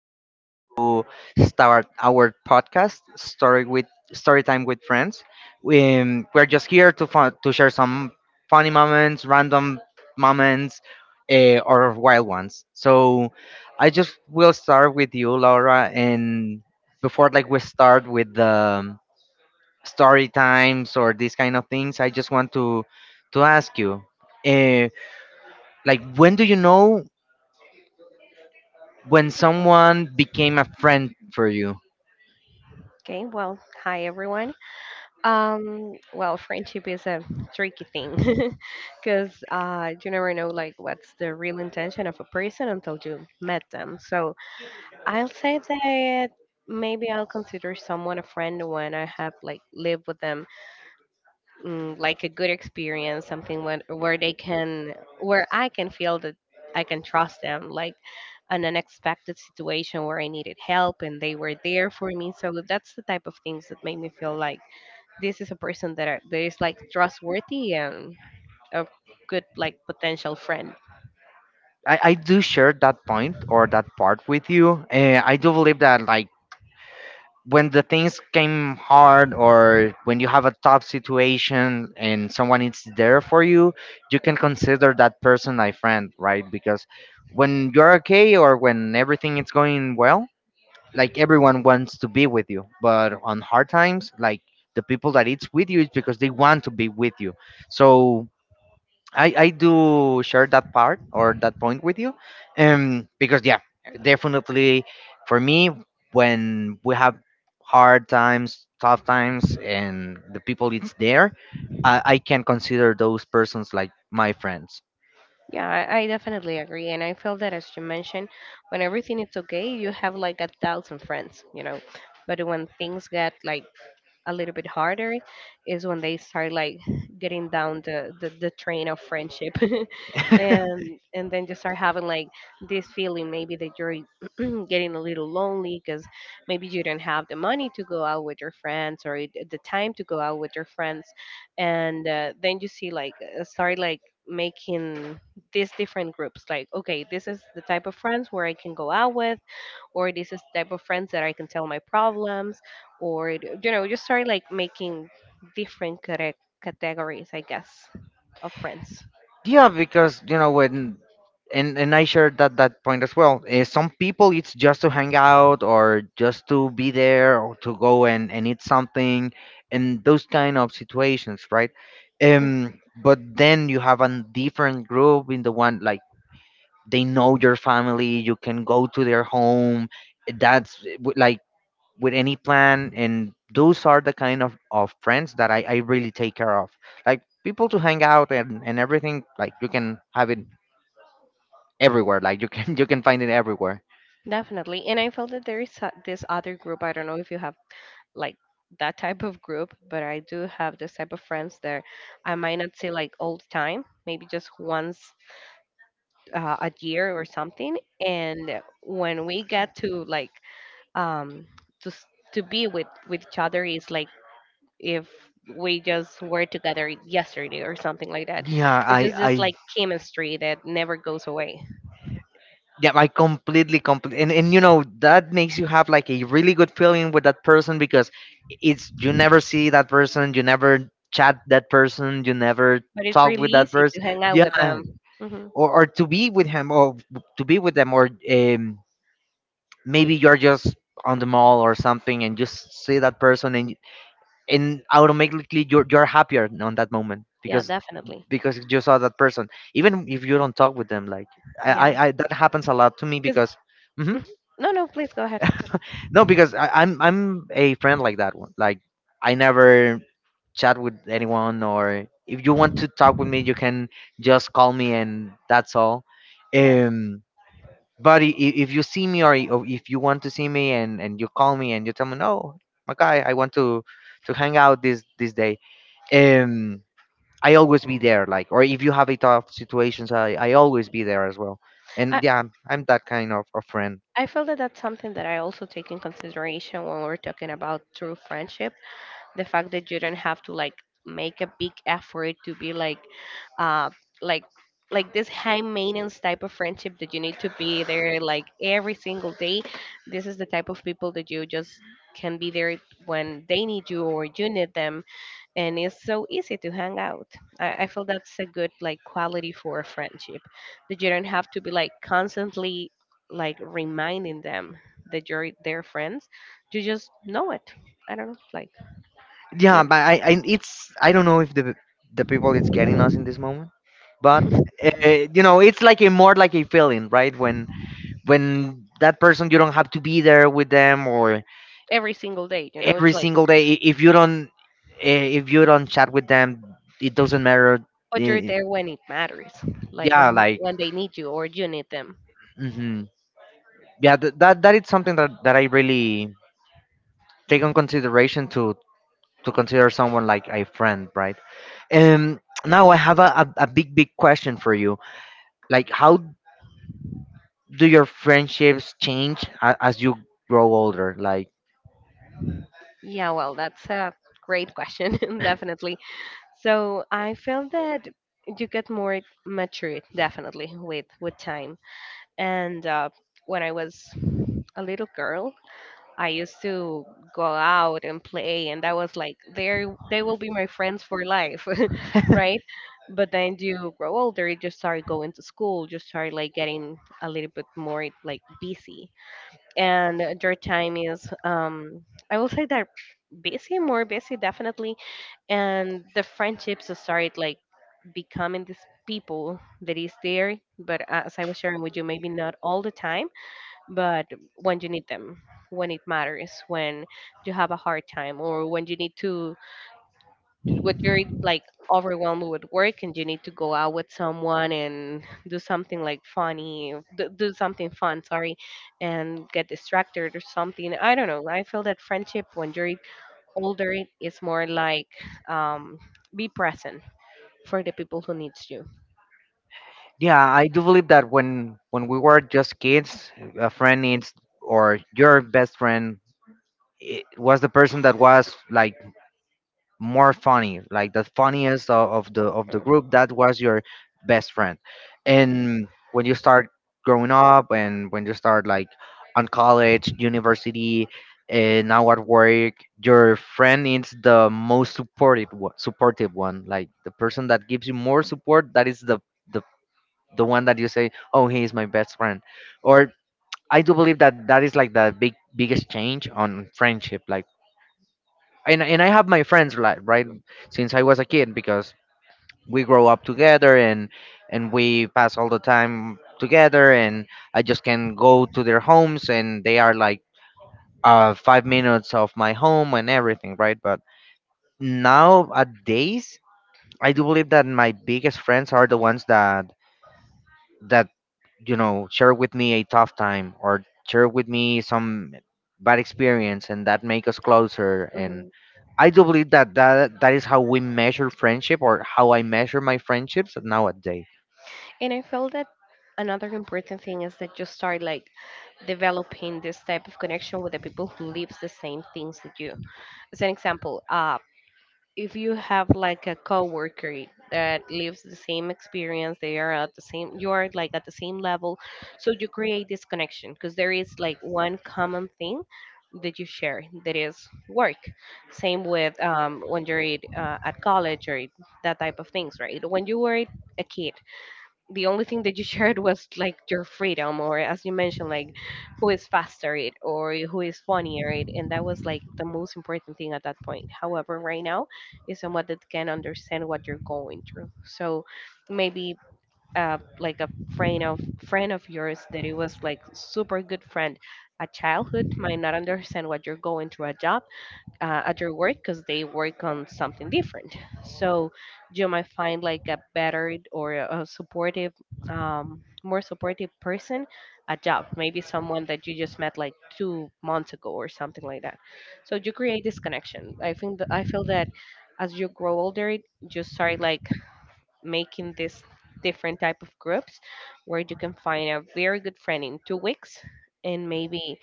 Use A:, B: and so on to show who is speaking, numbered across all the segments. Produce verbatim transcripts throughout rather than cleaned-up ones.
A: we're going to start our podcast, story with story time with friends. We, Um, we're just here to fun, to share some funny moments, random moments, uh, or wild ones. So, I just will start with you, Laura, and before like we start with the story times or these kind of things, I just want to to ask you, uh, like when do you know when someone became a friend for you.
B: Okay, well, hi everyone. Um, well, friendship is a tricky thing because uh, you never know like what's the real intention of a person until you met them. So I'll say that maybe I'll consider someone a friend when I have like lived with them, mm, like a good experience, something when, where they can, where I can feel that I can trust them, like an unexpected situation where I needed help and they were there for me. So that's the type of things that made me feel like this is a person that are, that is like trustworthy and a good like potential friend.
A: I, I do share that point or that part with you. Uh, I do believe that like when the things came hard or when you have a tough situation and someone is there for you, you can consider that person a friend, right? Because when you're okay or when everything is going well, like everyone wants to be with you. But on hard times, like the people that it's with you is because they want to be with you. So I, I do share that part or that point with you. Um, because yeah, definitely for me, when we have hard times, tough times, and the people it's there, I, I can consider those persons like my friends.
B: Yeah, I, I definitely agree, and I feel that, as you mentioned, when everything is okay, you have like a thousand friends, you know. But when things get like a little bit harder is when they start like getting down the the, the train of friendship, and and then just start having like this feeling, maybe, that you're getting a little lonely because maybe you don't have the money to go out with your friends, or it- the time to go out with your friends, and uh, then you see like uh, start like making these different groups like, okay, this is the type of friends where I can go out with, or this is type of friends that I can tell my problems, or d- you know, just start like making different correct categories, I guess, of friends.
A: Yeah, because you know when and and I shared that that point as well. Eh, some people it's just to hang out or just to be there or to go and and eat something and those kind of situations, right?
B: Mm,
A: Um, but then you have a different group in the one like they know your family. You can go to their home. That's eh, w- like with any plan, and those are the kind of, of friends that I, I really take care of, like people to hang out and, and everything, like you can have it everywhere, like you can you can find it everywhere.
B: definitely. And I felt that there is uh, this other group. I don't know if you have like that type of group, but I do have this type of friends that I might not see like all the time, maybe just once uh, a year or something. And when we get to like um to s- to be with with each other is like if we just were together yesterday or something like that.
A: Yeah,
B: It's
A: i
B: just
A: i
B: this like chemistry that never goes away.
A: yeah, I completely complete, and, and you know, that makes you have like a really good feeling with that person, because it's you never see that person, you never chat that person, you never
B: But it's
A: talk
B: really
A: with that
B: easy to
A: person.
B: hang out
A: Yeah.
B: with them. Hmm.
A: Or, or to be with him, or to be with them, or um, maybe you're just on the mall or something and just see that person, and and automatically you're you're happier on that moment
B: Yeah,
A: because
B: definitely.
A: because you saw that person, even if you don't talk with them, like I
B: Yeah,
A: I, I that happens a lot to me
B: because
A: because. Hmm,
B: no, no, please go ahead.
A: no, because I, i'm i'm a friend like that one, like I never chat with anyone, or if you want to talk with me you can just call me and that's all.
B: Yes,
A: um But i- i- if you see me, or i- or if you want to see me, and, and you call me and you tell me, no, my guy, I want to to hang out this this day. Um, I always be there. Like, or if you have a tough situations, I I always be there as well.
B: I
A: And yeah, I'm that kind of a friend.
B: I feel that that's something that I also take in consideration when we're talking about true friendship, the fact that you don't have to like make a big effort to be like uh like like this high maintenance type of friendship that you need to be there like every single day. This is the type of people that you just can be there when they need you or you need them, and it's so easy to hang out. I, I feel that's a good like quality for a friendship, that you don't have to be like constantly like reminding them that you're their friends. You just know it. I don't know, like,
A: Yeah,
B: you.
A: but I, I it's I don't know if the the people it's getting us in this moment, but uh, you know, it's like a more like a feeling, right? When when that person, you don't have to be there with them or
B: Every single day. You know, it's
A: every
B: like,
A: single day. I- If you don't, eh, if you don't chat with them, it doesn't matter.
B: but you're
A: Eh,
B: there when it matters, like, yeah,
A: Yeah,
B: w-
A: like,
B: when they need you or you need them.
A: hmm yeah, th- that that is something that that I really take on consideration to to consider someone like a friend, right? Um,
B: Yeah.
A: now I have a, a, a big big question for you. Like, how do your friendships change a- as you grow older? Like,
B: Yeah. Well, that's a great question, definitely. So I feel that you get more mature, definitely, with with time. And uh, when I was a little girl, I used to go out and play, and that was like they they will be my friends for life, right? But then you grow older, you just start going to school, you start like getting a little bit more like busy, and your time is um I will say that busy, more busy, definitely, and the friendships start like becoming these people that is there, but, as I was sharing with you, maybe not all the time, but when you need them, when it matters, when you have a hard time, or when you need to, when you're like overwhelmed with work and you need to go out with someone and do something like funny, do, do something fun, sorry, and get distracted or something. I don't know, I feel that friendship when you're older is more like, um, be present for the people who needs you.
A: yeah, I do believe that when when we were just kids, a friend needs or your best friend, it was the person that was like more funny, like the funniest of, of the of the
B: Mhm.
A: group. That was your best friend. And when you start growing up, and when you start like on college, university, and now at work, your friend needs the most supportive one- supportive one, like the person that gives you more support. That is the the the one that you say, "Oh, he is my best friend," or I do believe that that is like the big biggest change on friendship. Like, and and I have my friends like right since I was a kid, because we grow up together, and and we pass all the time together, and I just can go to their homes and they are like uh five minutes of my home and everything, right? But nowadays, I do believe that my biggest friends are the ones that that you know share with me a tough time or share with me some bad experience, and that make us closer, and
B: Mhm.
A: I do believe that that, that is how we measure friendship, or how I measure my friendships nowadays.
B: And I felt that another important thing is that you start like developing this type of connection with the people who lives the same things that you. As an example, uh, if you have like a coworker that lives the same experience, they are at the same, you are like at the same level, so you create this connection because there is like one common thing that you share that is work, same with um, when you're at, uh, at college, or that type of things, right? When you were a kid, the only thing that you shared was like your freedom, or, as you mentioned, like who is faster it or who is funnier it, and that was like the most important thing at that point. However, right now is someone that can understand what you're going through. So maybe uh, like a friend of friend of yours that it was like super good friend, a childhood, might not understand what you're going through a job, uh, at your work because they work on something different. So you might find like a better, or a supportive, um, more supportive person at job. Maybe someone that you just met like two months ago or something like that. So you create this connection. I think that I feel that, as you grow older, you start like making this different type of groups where you can find a very good friend in two weeks, and maybe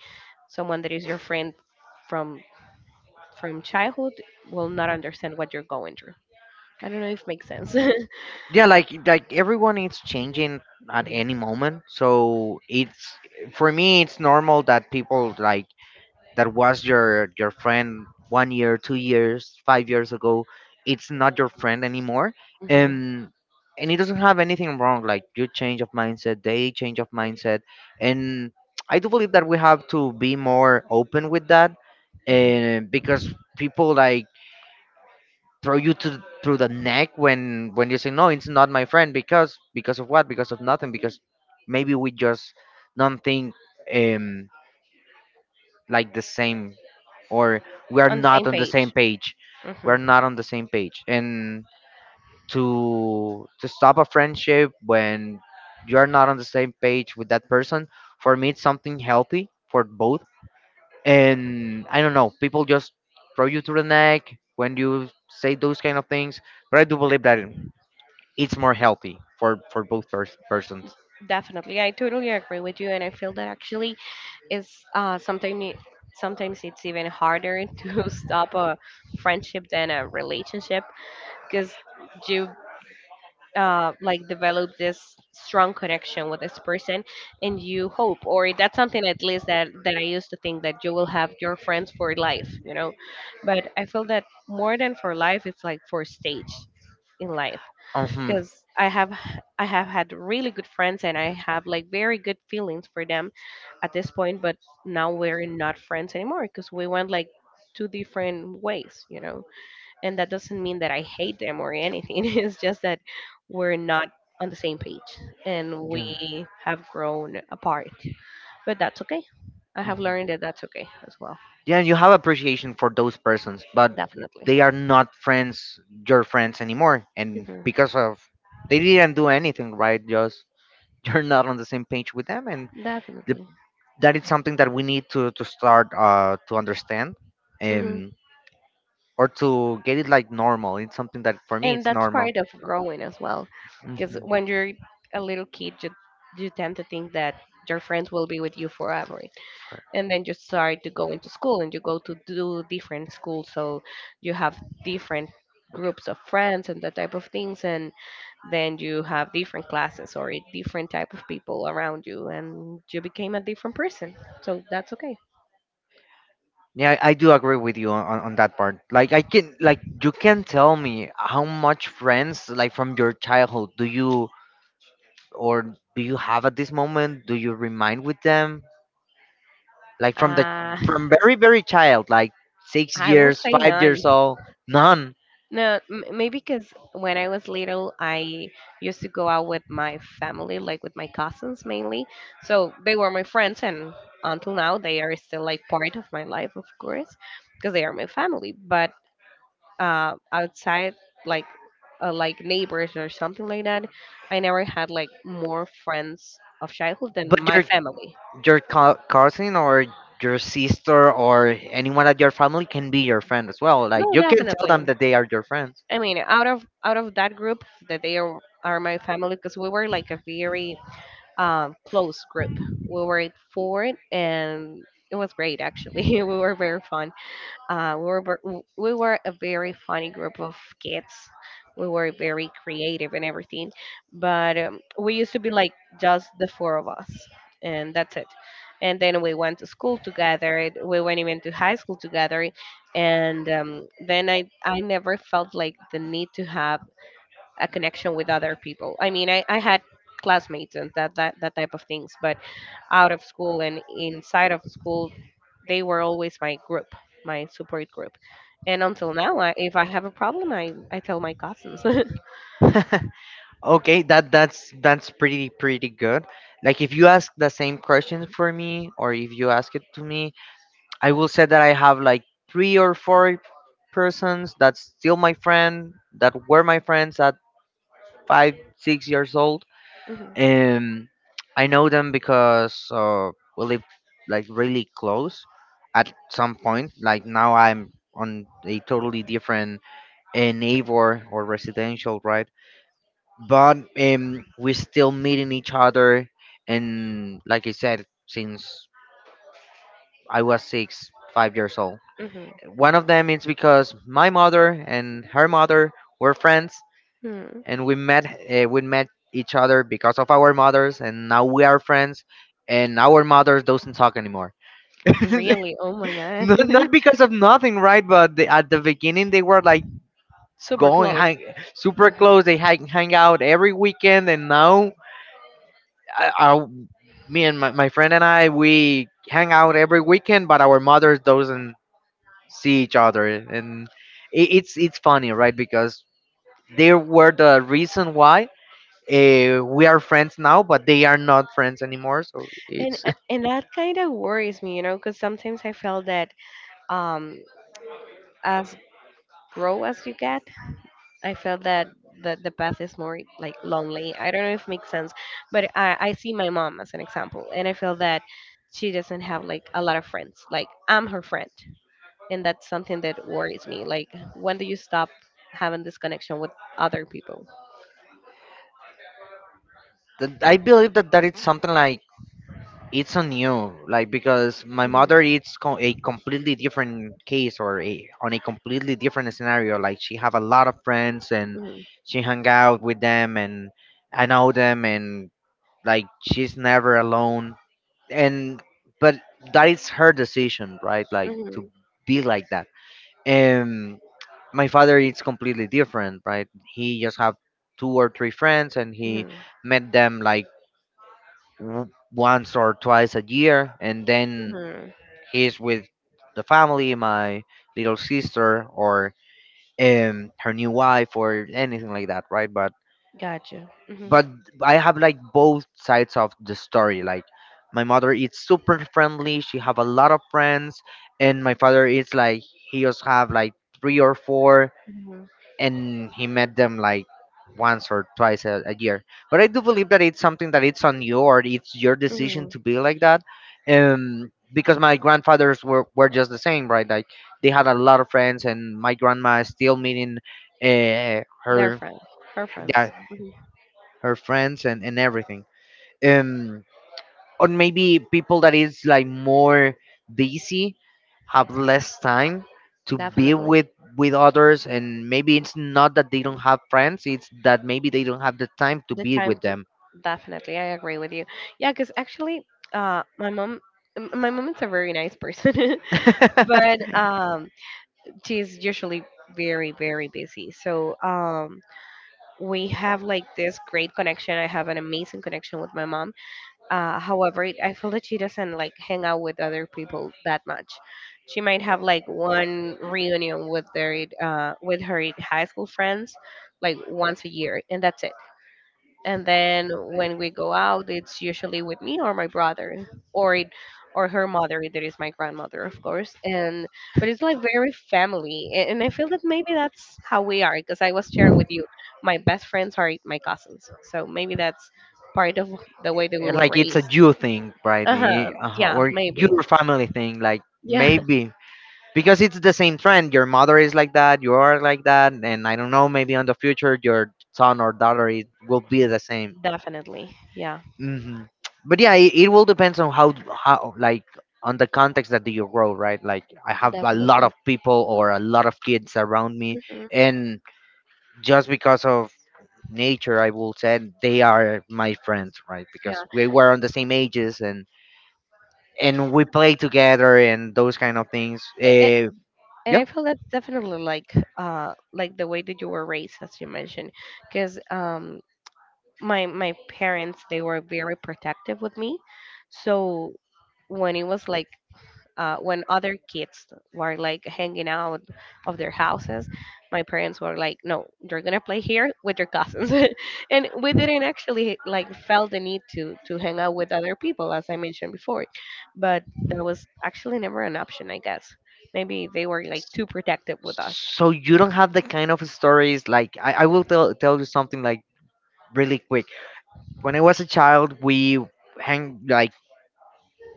B: someone that is your friend from from childhood will not understand what you're going through. I don't know if makes sense.
A: Yeah, like like everyone is changing at any
B: Mhm.
A: moment, so it's for me it's normal that people like that was your your friend one year, two years, five years ago, it's not your friend anymore.
B: Mhm.
A: Um, and it doesn't have anything wrong. Like, you change of mindset, they change of mindset, and I do believe that we have to be more open with that,
B: Mhm.
A: and because people like throw you to through the neck when when you say no, it's not my friend because because of what? Because of nothing. Because maybe we just don't think um like the same, or we are
B: On the same
A: not on the same
B: page.
A: page.
B: Hmm.
A: We're not on the same page, and to to stop a friendship when you're not on the same page with that person, for me it's something healthy for both, and I don't know, people just throw you to the neck when you say those kind of things. But I do believe that it's more healthy for for both pers- persons.
B: Definitely, I totally agree with you, and I feel that actually is uh, sometimes sometimes it's even harder to stop a friendship than a relationship, because you uh, like develop this strong connection with this person, and you hope, or that's something, at least, that that I used to think, that you will have your friends for life you know But I feel that more than for life it's like for stage in life,
A: Hmm,
B: because i have h- I have had really good friends, and I have like very good feelings for them at this point. But now we're not friends anymore because we went like two different ways you know And that doesn't mean that I hate them or anything. It's just that we're not on the same page, and
A: yeah.
B: we have grown apart. But that's okay. I have learned
A: Mm-hmm.
B: that that's okay as well.
A: Yeah, and you have appreciation for those persons, but
B: Definitely.
A: they are not friends your friends anymore, and
B: Hmm.
A: because of, they didn't do anything right, just you're not on the same page with them, and the,
B: Definitely.
A: that is something that we need to to start uh to understand,
B: Hmm.
A: um or to get it like normal. It's something that for me
B: And
A: it's
B: that's
A: normal.
B: part of growing as well. Because
A: Mhm.
B: when you're a little kid, you, you tend to think that your friends will be with you forever, and then you start to go into school and you go to do different schools, so you have different groups of friends and that type of things, and then you have different classes or a different type of people around you, and you became a different person, so that's okay.
A: Yeah, i I do agree with you on, on on that part, like I can like you can tell me how much friends like from your childhood do you or do you have at this moment? Do you remind with them? Like from the
B: uh,
A: from very very child, like six
B: I will
A: years,
B: say
A: five
B: none.
A: years old, none.
B: No, m- maybe because when I was little, I used to go out with my family, like with my cousins mainly. So they were my friends, and until now, they are still like part of my life, of course, because they are my family. But uh, outside, like uh, like neighbors or something like that, I never had like more friends of childhood than
A: But
B: my
A: your
B: family.
A: your co- cousin or your sister or anyone at your family can be your friend as well. Like
B: No,
A: you can tell them
B: definitely.
A: that they are your friends.
B: I mean, out of out of that group that they are are my family, because we were like a very um, close group. We were four, and it was great actually. We were very fun. Uh, we were ver- we were a very funny group of kids. We were very creative and everything, but um, we used to be like just the four of us, and that's it. And then we went to school together. We went even to high school together, and um, then I I never felt like the need to have a connection with other people. I mean, I, I had classmates and that, that that type of things, but out of school and inside of school, they were always my group, my support group. And until now, I, if I have a problem, I I tell my cousins.
A: Okay, that that's that's pretty pretty good. Like if you ask the same question for me, or if you ask it to me, I will say that I have like three or four persons that's still my friend, that were my friends at five six years old.
B: Mhm,
A: Um, I know them because uh, we lived like really close at some point. Like now I'm on a totally different uh, neighbor or residential, right? But um, we still meeting each other. And like I said, since I was six, five years old.
B: mhm,
A: One of them is because my mother and her mother were friends,
B: mhm.
A: and we met uh, we met each other because of our mothers, and now we are friends. And our mothers doesn't talk anymore.
B: Really? Oh my god.
A: Not, not because of nothing, right? But they, at the beginning they were like
B: Super
A: going
B: close.
A: hang, super close. They hang, hang out every weekend, and now I, I me and my, my friend and I we hang out every weekend, but our mothers doesn't see each other, and it, it's it's funny, right? Because they were the reason why uh, we are friends now, but they are not friends anymore. So
B: And
A: it's
B: uh, and that kind of worries me, you know, because sometimes I felt that um as grow as you get, I felt that the, the path is more like lonely. I don't know if it makes sense, but I, I see my mom as an example, and I feel that she doesn't have like a lot of friends. Like, I'm her friend, and that's something that worries me. Like, when do you stop having this connection with other people?
A: th- I believe that that it's something like it's on you, like because my mother
B: Mhm,
A: it's co- a completely different case, or a, on a completely different scenario, like she have a lot of friends, and
B: mhm,
A: she hang out with them, and I know them, and like she's never alone, and but that is her decision, right, like
B: mhm,
A: to be like that. um my father is completely different, right? He just have two or three friends, and he
B: mhm,
A: met them like w- once or twice a year, and then
B: mhm.
A: he's with the family, my little sister, or um her new wife, or anything like that, right? But
B: Gotcha. Mhm,
A: but I have like both sides of the story. Like my mother is super friendly; she have a lot of friends, and my father is like, he just have like three or four,
B: mhm,
A: and he met them like once or twice a, a year. But I do believe that it's something that it's on you or it's your decision
B: mhm.
A: to be like that. Um, because my grandfathers were, were just the same, right? Like they had a lot of friends, and my grandma is still meeting uh,
B: Their
A: her
B: friends, her
A: yeah,
B: friends. Mhm,
A: her friends and, and everything. Um, or maybe people that is like more busy have less time to be
B: definitely.
A: with with others, and maybe it's not that they don't have friends, it's that maybe they don't have the time to
B: The
A: be
B: time
A: with
B: to,
A: them.
B: definitely, I agree with you. Yeah, because actually, uh my mom, m- my mom is a very nice person, but um she's usually very very busy, so um we have like this great connection. I have an amazing connection with my mom. Uh however it, I feel that she doesn't like hang out with other people that much. She might have like one reunion with their uh with her high school friends like once a year, and that's it. And then when we go out, it's usually with me or my brother, or it or her mother, that is my grandmother, of course. And but it's like very family, a- and I feel that maybe that's how we are because I was sharing with you, my best friends are my cousins, so maybe that's part of the way that we
A: Eh,
B: were
A: like it's a
B: raised.
A: you thing, right? Eh,
B: Uh-huh,
A: uh-huh.
B: yeah,
A: Or
B: maybe.
A: your family thing, like
B: Yeah.
A: maybe because it's the same trend. Your mother is like that, you are like that, and I don't know, maybe on the future your son or daughter it will be the same.
B: Definitely, yeah.
A: Hmm. But yeah, it, it will depends on how how like on the context that you grow, right? Like I have a lot
B: Definitely.
A: of people or a lot of kids around me,
B: Hmm.
A: and just because of nature, I will say they are my friends, right? Because we were on the same ages and and we play together and those kind of things.
B: Yeah,
A: Uh,
B: and
A: yeah.
B: I feel that's definitely like uh like the way that you were raised, as you mentioned, because um my my parents, they were very protective with me, so when it was like uh, when other kids were like hanging out of their houses, my parents were like, "No, you're gonna play here with your cousins." And we didn't actually like felt the need to to hang out with other people, as I mentioned before. But that was actually never an option, I guess. Maybe they were like too protective with us.
A: So you don't have the kind of stories like I, I will tell tell you something like really quick. When I was a child, we hang like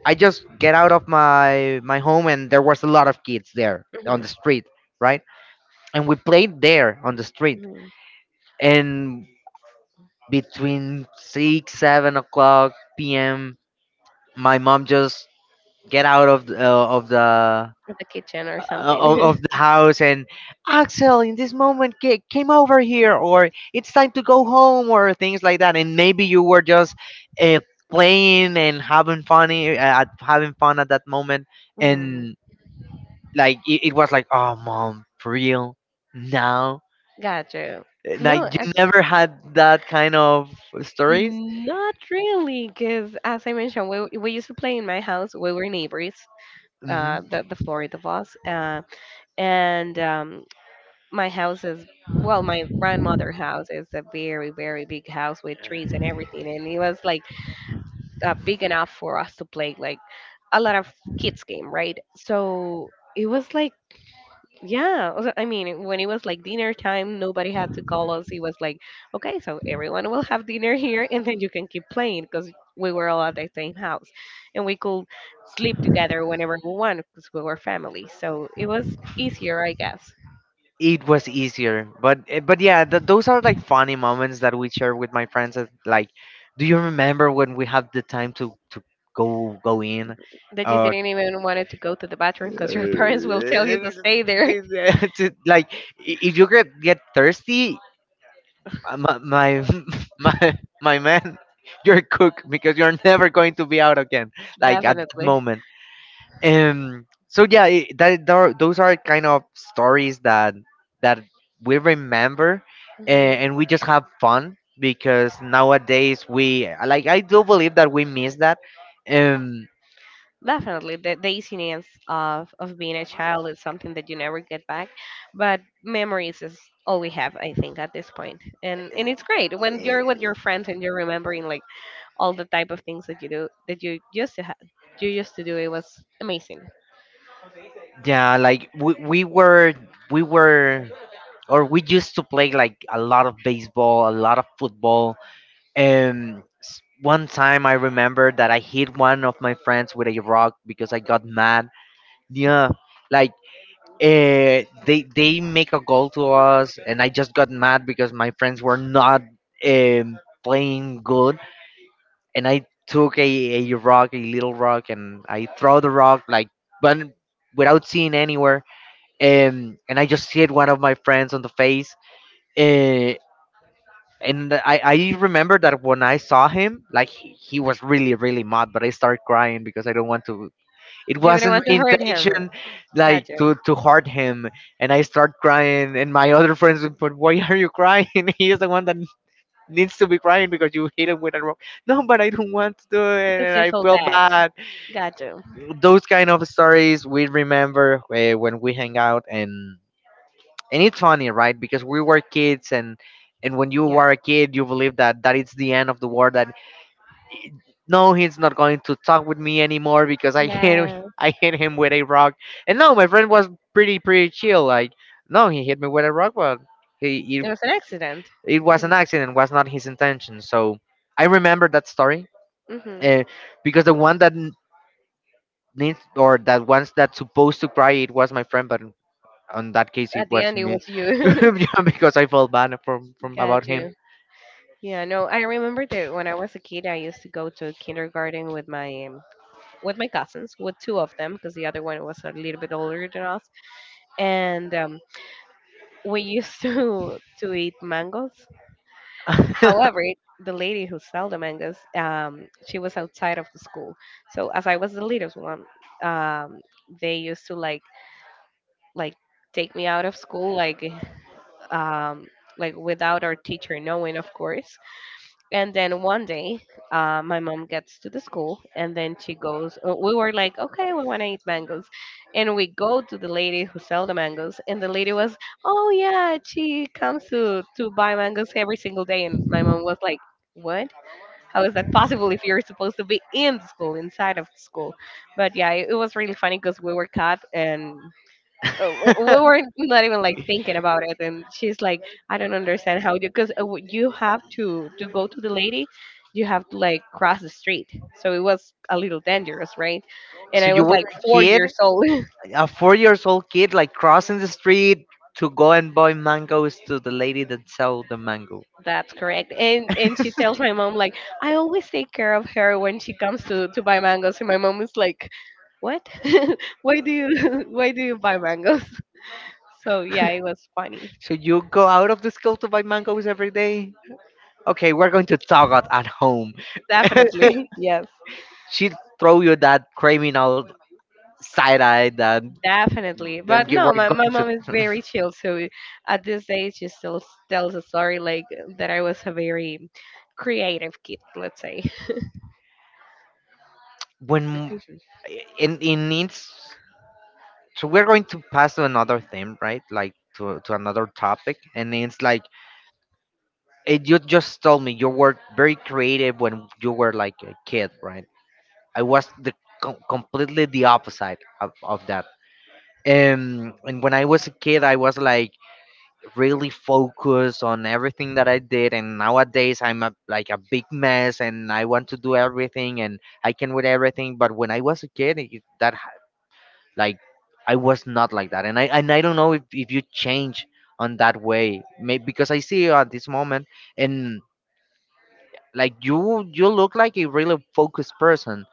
A: I just get out of my my home and there was a lot of kids there on
B: Hmm.
A: the street, right? And we played there on the street.
B: Hmm.
A: And between six seven o'clock p m, my mom just get out of the, uh, of the
B: The kitchen or
A: uh,
B: something.
A: of, of the house and Axel in this moment ca- came over here or it's time to go home or things like that, and maybe you were just uh, playing and having funny uh, at- having fun at that moment.
B: Hmm.
A: And like it, it was like, oh mom, for real, now.
B: Gotcha.
A: Uh, like
B: No,
A: you
B: actually.
A: never had that kind of stories.
B: Mm, not really, because as I mentioned, we we used to play in my house. We were neighbors,
A: Mm-hmm.
B: uh, the the four of us, uh, and um, my house is, well, my grandmother' house is a very very big house with trees and everything, and it was like uh, big enough for us to play like a lot of kids game, right? So it was like, yeah, also, I mean, when it was like dinner time, nobody had to call us. It was like, okay, so everyone will have dinner here, and then you can keep playing because we were all at the same house, and we could sleep together whenever we want because we were family. So it was easier, I guess.
A: It was easier, but eh, but yeah, th- those are like funny moments that we share with my friends that, like, do you remember when we had the time to to go go in
B: That you
A: uh.
B: didn't even wanted to go to the bathroom because your parents will tell you to stay there.
A: To- like, i- if you get get thirsty, uh, my my my, my man, you're cooked because you're never going to be out again, like at that
B: Definitely.
A: moment. Um, so yeah, it, that there are- those are kind of stories that that we remember, and,
B: Mhm.
A: and we just have fun, because nowadays we like I do believe that we miss that. Um,
B: Definitely, the, the easiness of, of being a child is something that you never get back. But memories is all we have, I think, at this point. And and it's great when you're with your friends and you're remembering like all the type of things that you do that you used to have, you used to do. It was amazing.
A: yeah, like we, we were we were or we used to play like a lot of baseball, a lot of football. Um s- one time I remember that I hit one of my friends with a rock because I got mad. Yeah. Like uh, they they make a goal to us, and I just got mad because my friends were not um, playing good, and I took a, a rock, a little rock, and I throw the rock like, but without seeing anywhere. Um, and I just hit one of my friends on the face, uh, and I I remember that when I saw him, like he, he was really really mad, but I started crying because I don't want to, it
B: It, you was didn't
A: wasn't
B: want
A: my
B: to hurt him.
A: intention,
B: Got
A: like
B: you.
A: to
B: You,
A: to hurt him. And I start crying. And my other friends, would, but why are you crying? He is the one that needs to be crying, because you hit him with a rock. No, but I don't want to do it,
B: because
A: and
B: you
A: I
B: felt
A: feel
B: bad.
A: bad.
B: Got you.
A: Those kind of stories we remember eh, when we hang out, and and it's funny, right? Because we were kids, and and when you
B: Yeah,
A: were a kid, you believe that that is the end of the world, that no, he's not going to talk with me anymore because I hit
B: yeah.
A: I hit him with a rock. And no, my friend was pretty pretty chill. Like, no, he hit me with a rock, but he
B: It
A: it,
B: was an accident.
A: it was an accident, was not his intention. So I remember that story,
B: Mm-hmm.
A: uh, because the one that n- needs or that one's that's supposed to cry, it was my friend, but on that case, it
B: At the
A: was
B: end, it
A: me.
B: was you.
A: Yeah, because I felt bad from from about
B: Got
A: him.
B: you. Yeah, no, I remember that when I was a kid, I used to go to kindergarten with my um, with my cousins, with two of them, because the other one was a little bit older than us, and um, we used to to eat mangoes. However, it- the lady who sold the mangoes, um, she was outside of the school, so as I was the littlest one, um, they used to like like take me out of school, like um, like without our teacher knowing, of course. And then one day, uh, my mom gets to the school, and then she goes. uh, We were like, "Okay, we want to eat mangoes," and we go to the lady who sell the mangoes, and the lady was, "Oh yeah, she comes to to buy mangoes every single day." And my mom was like, "What? How is that possible if you're supposed to be in the school, inside of the school?" But yeah, it, it was really funny because we were caught, and uh, we weren't not even like thinking about it, and she's like, I don't understand how you, because you have to to go to the lady. You have to like cross the street, so it was a little dangerous, right? And
A: So
B: I
A: you
B: was
A: were
B: like
A: a
B: four
A: kid,
B: years old.
A: a four years old kid, like crossing the street to go and buy mangoes to the lady that sell the mango.
B: That's correct. and and she tells my mom like, I always take care of her when she comes to to buy mangoes. And my mom is like, what? Why do you why do you buy mangoes? So yeah, it was funny.
A: So you go out of the school to buy mangoes every day. Okay, we're going to talk at, at home.
B: Definitely, yes.
A: She throw you that criminal side eye that
B: Definitely.
A: then
B: But
A: you were
B: no, my, my
A: going to.
B: mom is very chill. So at this age, she still s- tells a story like that I was a very creative kid, let's say.
A: When in in it's, so we're going to pass to another theme, right? Like to, to another topic. And it's like it, you just told me you were very creative when you were like a kid, right? I was the com- completely the opposite of, of that. Um, and when I was a kid I was like really focused on everything that I did, and nowadays I'm a, like a big mess, and I want to do everything and I can with everything. But when I was a kid it, that like I was not like that, and i and I don't know if, if you change on that way, maybe because I see you at this moment, and like you you look like a really focused person.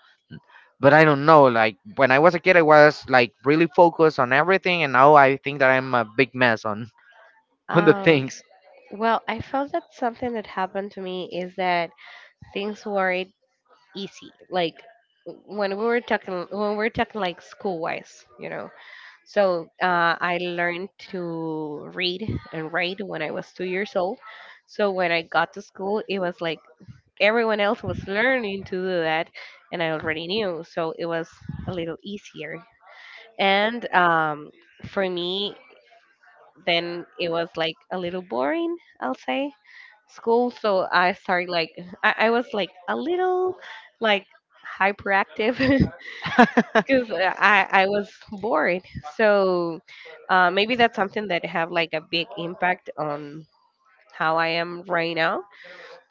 A: But I don't know, like when I was a kid I was like really focused on everything, and now I think that I'm a big mess on on the
B: Um,
A: things.
B: well, I felt that something that happened to me is that things weren't easy. Like when we were talking, when we were talking like school wise, you know. So uh, I learned to read and write when I was two years old. So when I got to school, it was like everyone else was learning to do that, and I already knew. So it was a little easier. And um, for me, then it was like a little boring, I'll say, school. So I started like, I, I was like a little like hyperactive because I, I was bored. So uh, maybe that's something that have like a big impact on how I am right now,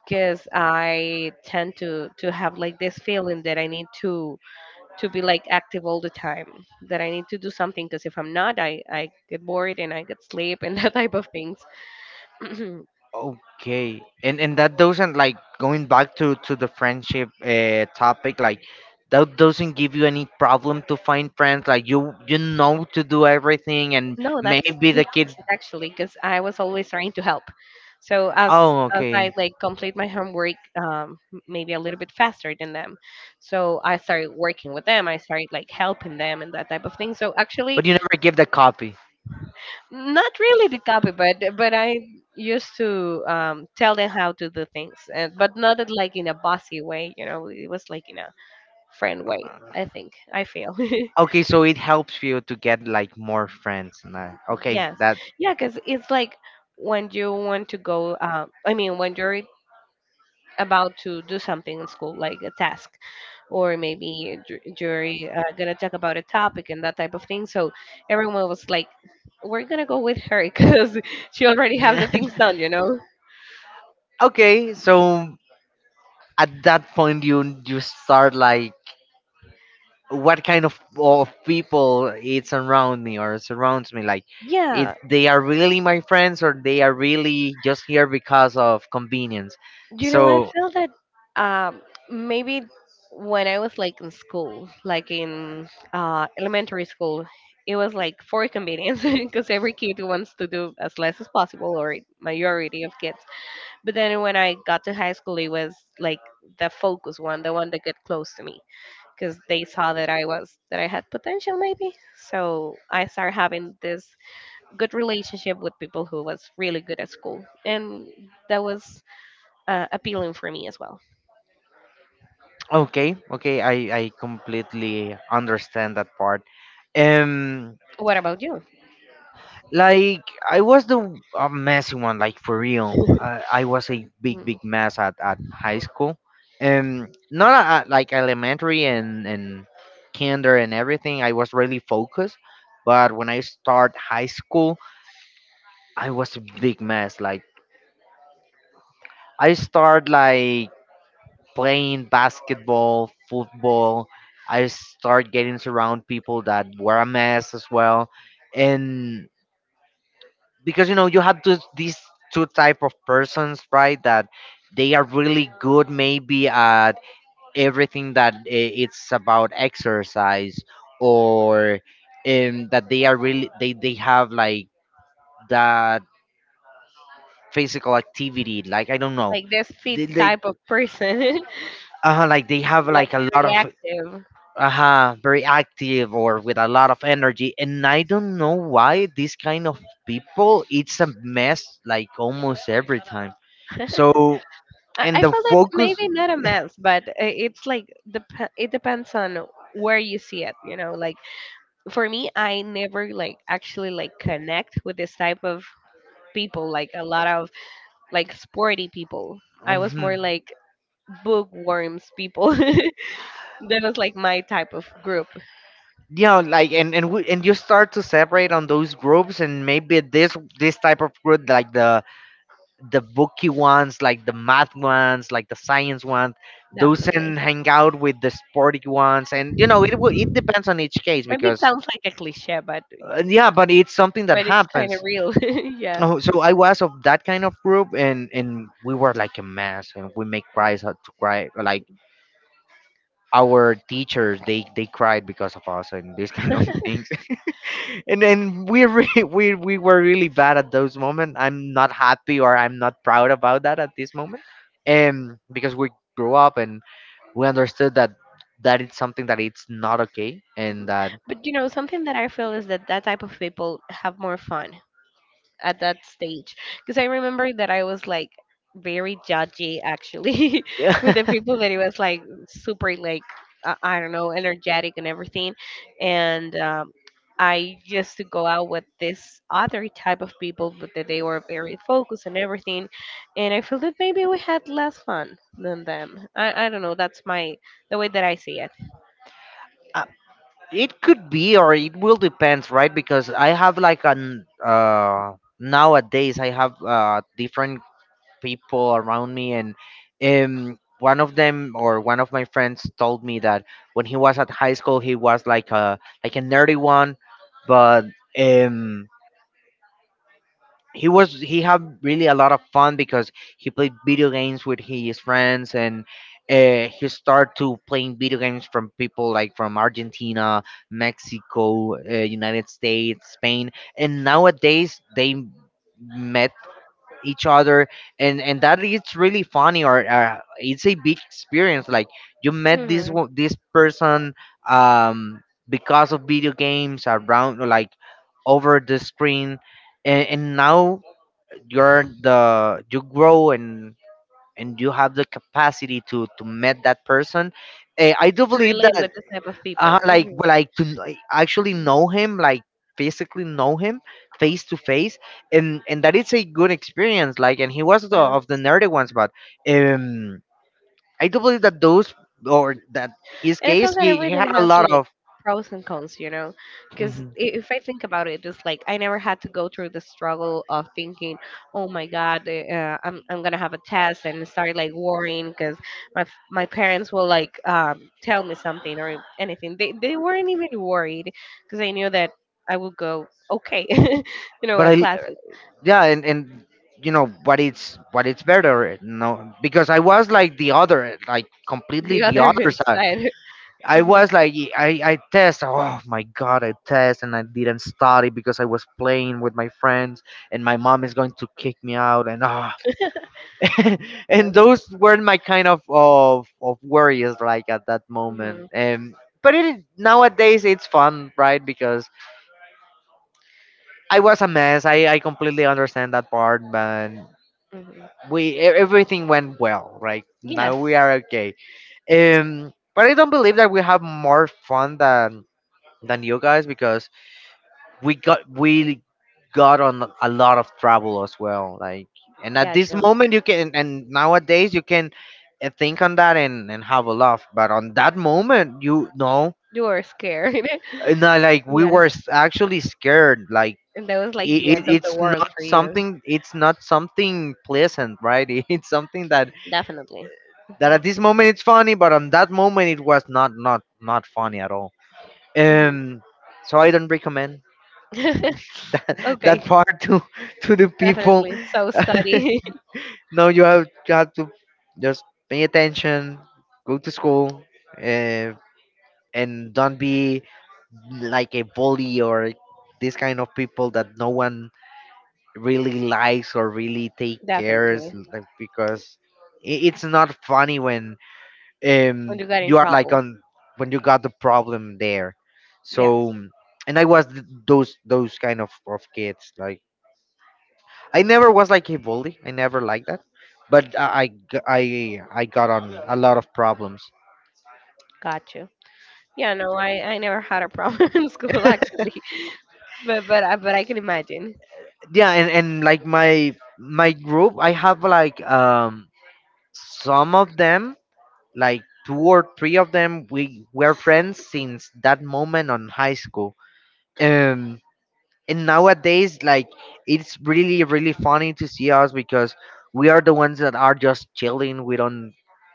B: because I tend to, to have like this feeling that I need to to be like active all the time, that I need to do something because if I'm not, I, I get bored and I get sleep, and that type of things.
A: Okay, and and that doesn't like, going back to to the friendship uh, topic. Like that doesn't give you any problem to find friends. Like you you know to do everything, and
B: No, that's the
A: maybe the kids.
B: opposite actually, because I was always trying to help. So as
A: Oh,
B: as I
A: okay,
B: like complete my homework, um, m- maybe a little bit faster than them, so I started working with them. I started like helping them and that type of thing. So actually,
A: but you never give the copy.
B: not really the copy, but but I used to um, tell them how to do things, and but not in, like in a bossy way. You know, it was like in a friend
A: Uh,
B: way. I think I feel.
A: Okay, so it helps you to get like more friends. And that. Okay,
B: Yes.
A: that.
B: Yeah, because it's like when you want to go, uh, I mean, when you're about to do something in school, like a task, or maybe dr- you're uh, going to talk about a topic and that type of thing. So everyone was like, we're going to go with her because she already have the things done, you know?
A: Okay, so at that point you you start like what kind of of people it's around me or surrounds me, like it,
B: Yeah.
A: they are really my friends, or they are really just here because of convenience.
B: You know, I
A: So
B: feel that um, maybe when I was like in school, like in uh, elementary school, it was like for convenience because every kid wants to do as less as possible, or majority of kids. But then when I got to high school, it was like the focus one, the one that get close to me, because they saw that I was that I had potential maybe. So I started having this good relationship with people who was really good at school, and that was uh, appealing for me as well.
A: okay, okay, I I completely understand that part. Um,
B: What about you?
A: like I was the a messy one, like for real. I, I was a big, big
B: Mm.
A: mess at, at high school, and not at, at, like elementary and and kinder and everything. I was really focused, but when I start high school, I was a big mess. Like I start like playing basketball, football. I start getting around people that were a mess as well. And because you know you have this, these two type of persons, right, that they are really good maybe at everything that i- it's about exercise, or um, that they are really they, they have like that physical activity, like I don't know,
B: Like this fit
A: they, they
B: type of person.
A: uh, like they have
B: Like
A: like a lot
B: very
A: of
B: active.
A: uh huh. Very active, or with a lot of energy. And I don't know why this kind of people it's a mess, like almost every time. So
B: I
A: and
B: I
A: the
B: felt that
A: focus
B: maybe not a mess, but uh, it's like dep- it depends on where you see it. You know, like for me, I never like actually like connect with this type of people. Like a lot of like sporty people. I was
A: mhm.
B: more like bookworms people. That was like my type of group,
A: Yeah, like and and, we, and you start to separate on those groups, and maybe this this type of group like the the booky ones, like the math ones, like the science ones, those
B: definitely.
A: and hang out with the sporty ones. And you know it will, it depends on each case,
B: Maybe it
A: because
B: sounds like a cliche, but
A: uh, yeah, but it's something that
B: but it's kind of
A: happens.
B: real. Yeah.
A: Oh, so I was of that kind of group, and and we were like a mess, and we make cries out to cry. Like our teachers, they they cried because of us and these kind of things, and then we really, we we were really bad at those moments. I'm not happy or I'm not proud about that at this moment, um, because we grew up and we understood that that it's something that it's not okay and that.
B: But you know, something that I feel is that that type of people have more fun at that stage, because I remember that I was like very judgy actually with the people that it was like super like uh, I don't know, energetic and everything, and um, I used to go out with this other type of people, but that they were very focused and everything, and I feel that maybe we had less fun than them. i, I don't know, that's my, the way that I see it.
A: I, it could be, or it will depends, right? Because I have like an uh, nowadays I have uh, different people around me, and um, one of them or one of my friends told me that when he was at high school, he was like a like a nerdy one, but um, he was he had really a lot of fun because he played video games with his friends and uh, he started to playing video games from people like from Argentina, Mexico, uh, United States, Spain, and nowadays they met each other, and and that is really funny, or uh, it's a big experience. Like you met this
B: Mhm.
A: wo- this person, um because of video games, around, like, over the screen. And, and now you're the you grow, and and you have the capacity to to meet that person. Eh, I do
B: To
A: believe
B: relate
A: that,
B: with this type of people.
A: uh, like,
B: Mhm.
A: well, like to kn- like, actually know him, like physically know him, face to face. And and that it's a good experience, like, and he was the,
B: Yeah,
A: of the nerdy ones, but um I do believe that those, or that his
B: and I feel
A: case,
B: that
A: he, he
B: everything
A: had a
B: has
A: lot
B: like
A: of.
B: pros and cons, you know. Because
A: Mhm.
B: if I think about it, it's like I never had to go through the struggle of thinking, "Oh my God, eh, uh, I'm I'm gonna have a test," and start like worrying because my f- my parents will like um, tell me something or anything. They they weren't even worried because I knew that I would go okay, you know,
A: but
B: at
A: I,
B: classes.
A: yeah, and and you know but it's but it's better, no, because I was like the other, eh, like, completely
B: The
A: the
B: other
A: other side.
B: side.
A: I
B: Mhm.
A: was like, i i test, oh my god, I test, and I didn't study because I was playing with my friends, and my mom is going to kick me out, and ah and
B: Yes.
A: those weren't my kind of of of worries, like, at that moment.
B: Hmm.
A: And but it is, nowadays it's fun, right? Because I was a mess, i i completely understand that part. But
B: Hmm.
A: we e- everything went well. Right
B: Yes.
A: now we are okay. Um but I don't believe that we have more fun than than you guys, because we got we got on a lot of trouble as well, like, and at this
B: Gotcha.
A: moment you can, and nowadays you can uh, think on that, and and have a laugh. But on that moment, you know,
B: You were scared.
A: and I, like, we
B: Yeah.
A: were s- actually scared. Like,
B: And that was like the
A: it, it,
B: end of the
A: it's
B: world
A: not
B: for you.
A: something it's not something pleasant, right? It's something that,
B: Definitely.
A: that at this moment it's funny, but on that moment it was not not not funny at all.
B: Mhm.
A: Um, so I don't recommend that
B: Okay,
A: that part to to the people.
B: definitely. So study.
A: No, you have you have to just pay attention, go to school, uh, and don't be like a bully, or this kind of people that no one really likes, or really take cares,
B: Definitely.
A: like, because i- it's not funny when,
B: When
A: um
B: you got in
A: you are like
B: trouble.
A: on, when you got the problem there,
B: Yes.
A: so. And i was th- those those kind of of kids, like, I never was like a bully, I never liked that, but I I g- I I got on a lot of problems.
B: Got you. Yeah, no, I, I never had a problem in school actually. But but I but I can imagine.
A: Yeah, and, and like my my group, I have, like, um some of them, like two or three of them, we were friends since that moment on high school. um and nowadays, like, it's really really funny to see us, because we are the ones that are just chilling, we don't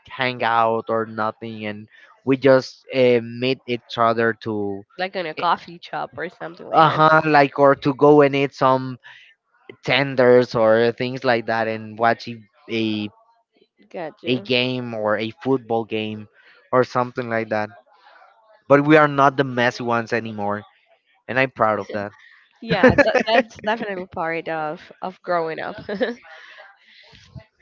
A: hang out or nothing. And we just uh, meet each other to...
B: Like in a coffee shop or something like that.
A: Uh-huh, like, or to go and eat some tenders or things like that, and watch a a,
B: Got
A: a
B: you.
A: game, or a football game, or something like that. But we are not the messy ones anymore, and I'm proud of that.
B: Yeah, that, that's definitely part of of growing up.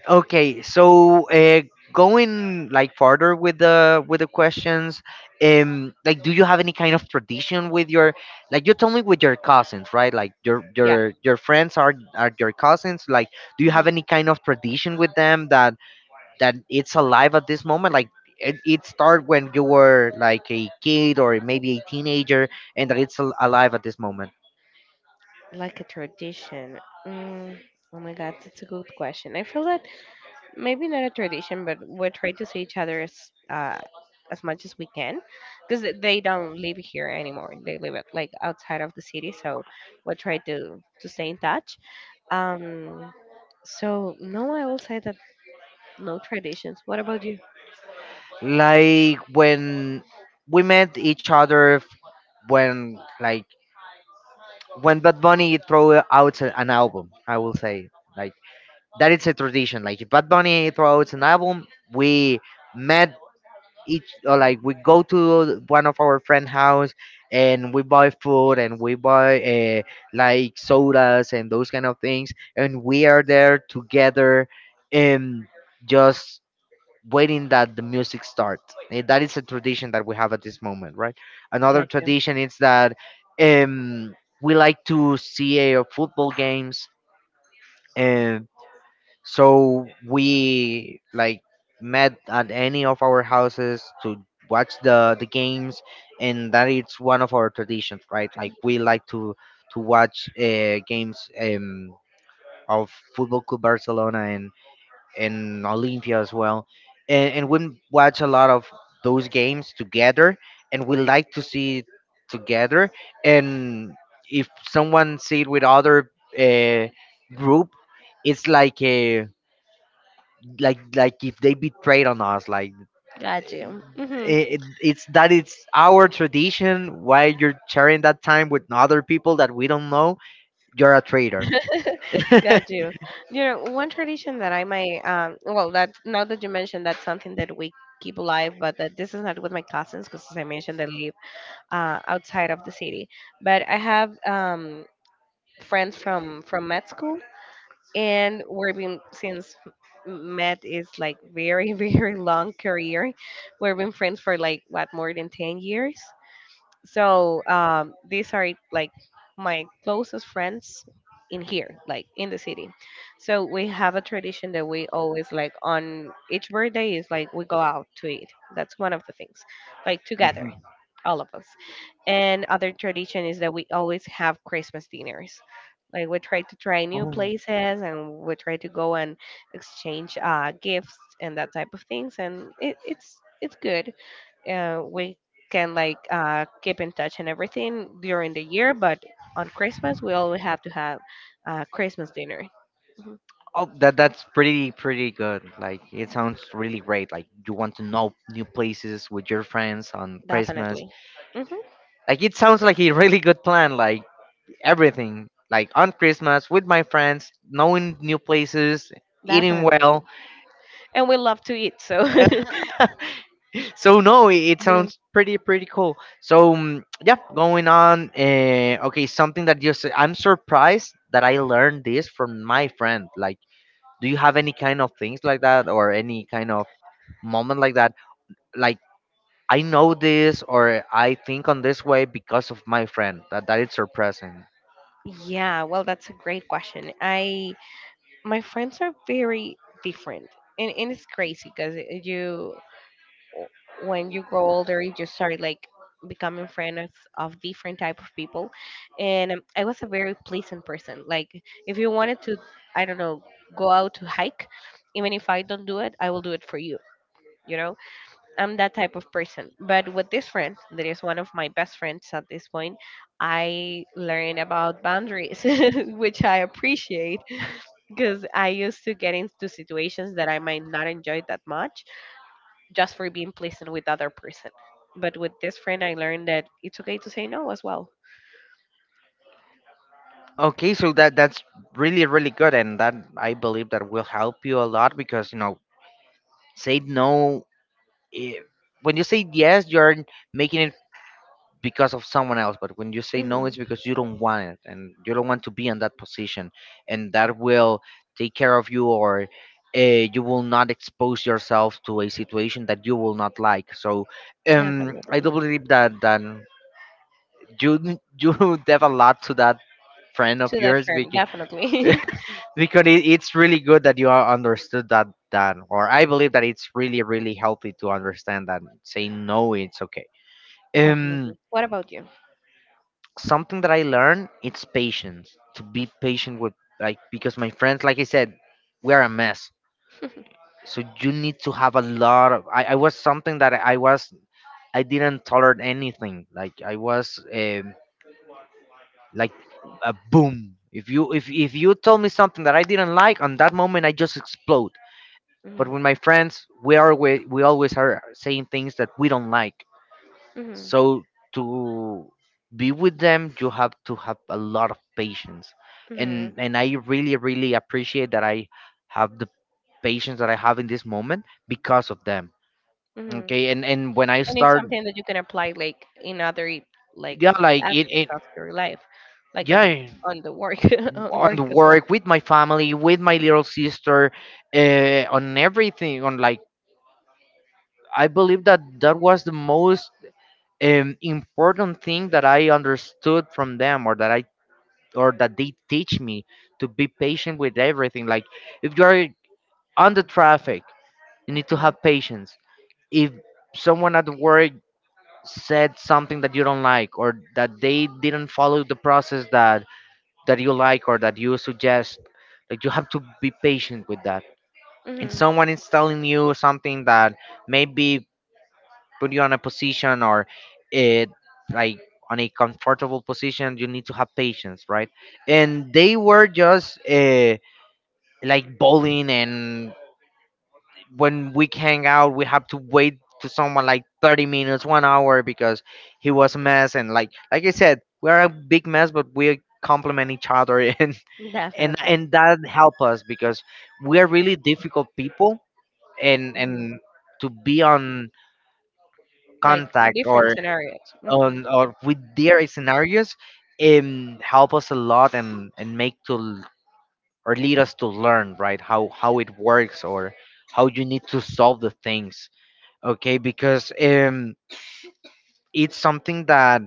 A: Okay, so, uh, going, like, farther with the with the questions, um, like, do you have any kind of tradition with your, like you told me, with your cousins, right? Like your
B: Yeah.
A: your your friends are are your cousins. Like, do you
B: Mhm.
A: have any kind of tradition with them that, that it's alive at this moment? Like it, it started when you were like a kid, or maybe a teenager, and that it's al- alive at this moment.
B: Like a tradition. Mm, oh my God, that's a good question. I feel that maybe not a tradition, but we try to see each other as uh, as much as we can, because they don't live here anymore. They live at, like outside of the city, so we try to to stay in touch. Um, so no, I will say that no traditions. What about you?
A: Like when we met each other f- when, like, when Bad Bunny throw out a- an album, I will say, like, that is a tradition. Like if Bad Bunny throw out an album, we met each or like, we go to one of our friend house, and we buy food, and we buy uh, like sodas and those kind of things, and we are there together, and just waiting that the music starts. Eh, That is a tradition that we have at this moment, right? Another
B: Gotcha,
A: tradition is that, um, we like to see uh, football games. And so we like met at any of our houses to watch the the games, and that is one of our traditions, right? Like we like to to watch uh, games, um, of Football Club Barcelona and Olympia as well, and, and we watch a lot of those games together, and we like to see it together. And if someone see it with other, uh, group, it's like a, like like if they betrayed on us, like,
B: gotcha. Mm-hmm.
A: it, it's that it's our tradition. Why you're sharing that time with other people that we don't know? You're a traitor.
B: Got you. You know, one tradition that I might, um, well, that now that you mentioned that's something that we keep alive, but that this is not with my cousins because, as I mentioned, they live uh, outside of the city. But I have um, friends from from med school, and we've been since med is like very very long career. We've been friends for like what more than ten years, so um, these are like my closest friends in here, like in the city. So we have a tradition that we always like on each birthday is like we go out to eat. That's one of the things, like together, all of us. And other tradition is that we always have Christmas dinners. Like we try to try new
A: Mhm.
B: places and we try to go and exchange uh, gifts and that type of things. And it, it's it's good uh, we can like uh, keep in touch and everything during the year, but on Christmas we always have to have uh, Christmas dinner. Mhm.
A: Oh, that that's pretty pretty good. Like it sounds really great. Like you want to know new places with your friends on Christmas.
B: Definitely. Hmm.
A: Like it sounds like a really good plan. Like everything. Like on Christmas with my friends, knowing new places, eating
B: Definitely.
A: well.
B: And we love to eat, so
A: So no, it, it
B: yes.
A: sounds pretty pretty cool. So, mm, yeah, going on. Uh, okay, something that you said. I'm surprised that I learned this from my friend. Like, do you have any kind of things like that, or any kind of moment like that? Like, I know this, or I think on this way, because of my friend. That that is surprising.
B: Yeah, well, that's a great question. I my friends are very different, and, and it's crazy because you when you grow older you just start like becoming friends of different type of people and um, I was a very pleasant person like if you wanted to I don't know go out to hike even if I don't do it I will do it for you, you know, I'm that type of person but with this friend that is one of my best friends at this point I learned about boundaries which I appreciate because I used to get into situations that I might not enjoy that much just for being pleasant with the other person. But with this friend, I learned that it's okay to say no as well.
A: Okay, so that that's really really good, and that I believe that will help you a lot because, you know, say no. eh, When you say yes, you're making it because of someone else, but when you say no, it's
B: Hmm.
A: because you don't want it, and you don't want to be in that position. And that will take care of you, or uh, you will not expose yourself to a situation that you will not like, so, um I do
B: Definitely.
A: believe that then you you dev a lot to that friend of
B: To that
A: yours,
B: friend,
A: Vicky.
B: definitely.
A: Because it, it's really good that you are understood that then, or I believe that it's really really healthy to understand that saying no it's okay. um
B: Definitely. What about you?
A: Something that I learned, it's patience, to be patient with, like, because my friends, like I said, we are a mess, so you need to have a lot of. I, I was something that I was I didn't tolerate anything. Like, I was, um, like, a boom. if you if, if you told me something that I didn't like on that moment, I just explode. But
B: Hmm.
A: with my friends, we are we, we always are saying things that we don't like.
B: Hmm.
A: So, to be with them, you have to have a lot of patience,
B: Hmm.
A: and and I really really appreciate that I have the patience that I have in this moment because of them.
B: Hmm.
A: Okay, and and when I
B: And it's
A: start,
B: something that you can apply like in other like
A: yeah, like it
B: aspects
A: it
B: of your life, like on
A: yeah,
B: on the work on
A: on the
B: work as
A: work, with my family, with my little sister, uh, on everything, on, like, I believe that that was the most, um, important thing that I understood from them, or that i or that they teach me, to be patient with everything. Like if you're on the traffic, you need to
B: well.
A: have patience. If someone at work said something that you don't like, or that they didn't follow the process that, that you like, or that you suggest, like, you have to be patient with that.
B: Hmm.
A: If someone
B: Hmm.
A: is telling you something that maybe put you on a position, or it, like, on a comfortable position, you need to have patience, right? And they were just uh, like, bowling, and when we hang out we have to wait to someone like thirty minutes, one hour, because he was a mess, and, like, like I said, we're a big mess, but we complement each other. and and
B: Definitely.
A: and that help us, because we're really difficult people, and and to be on
B: Like
A: contact,
B: different
A: or
B: scenarios. Hmm.
A: on, or with their scenarios, um help us a lot, and and make to, or lead us to learn, right, how how it works, or how you need to solve the things, okay, because, um it's something that,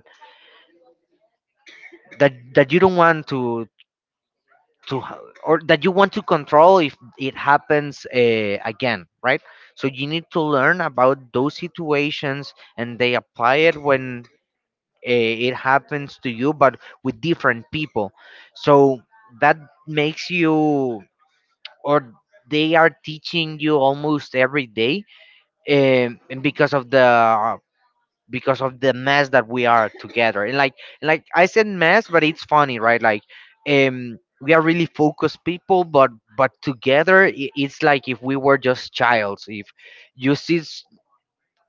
A: that that you don't want to to ha- or that you want to control if it happens uh, again, right. So you need to learn about those situations, and they apply it when, uh, it happens to you, but with different people. So that makes you, or they are teaching you almost every day, um, and because of the, uh, because of the mess that we are together, and, like, like I said, mess, but it's funny, right, like, um we are really focused people, but but together, i- it's like if we were just childs. If you see s-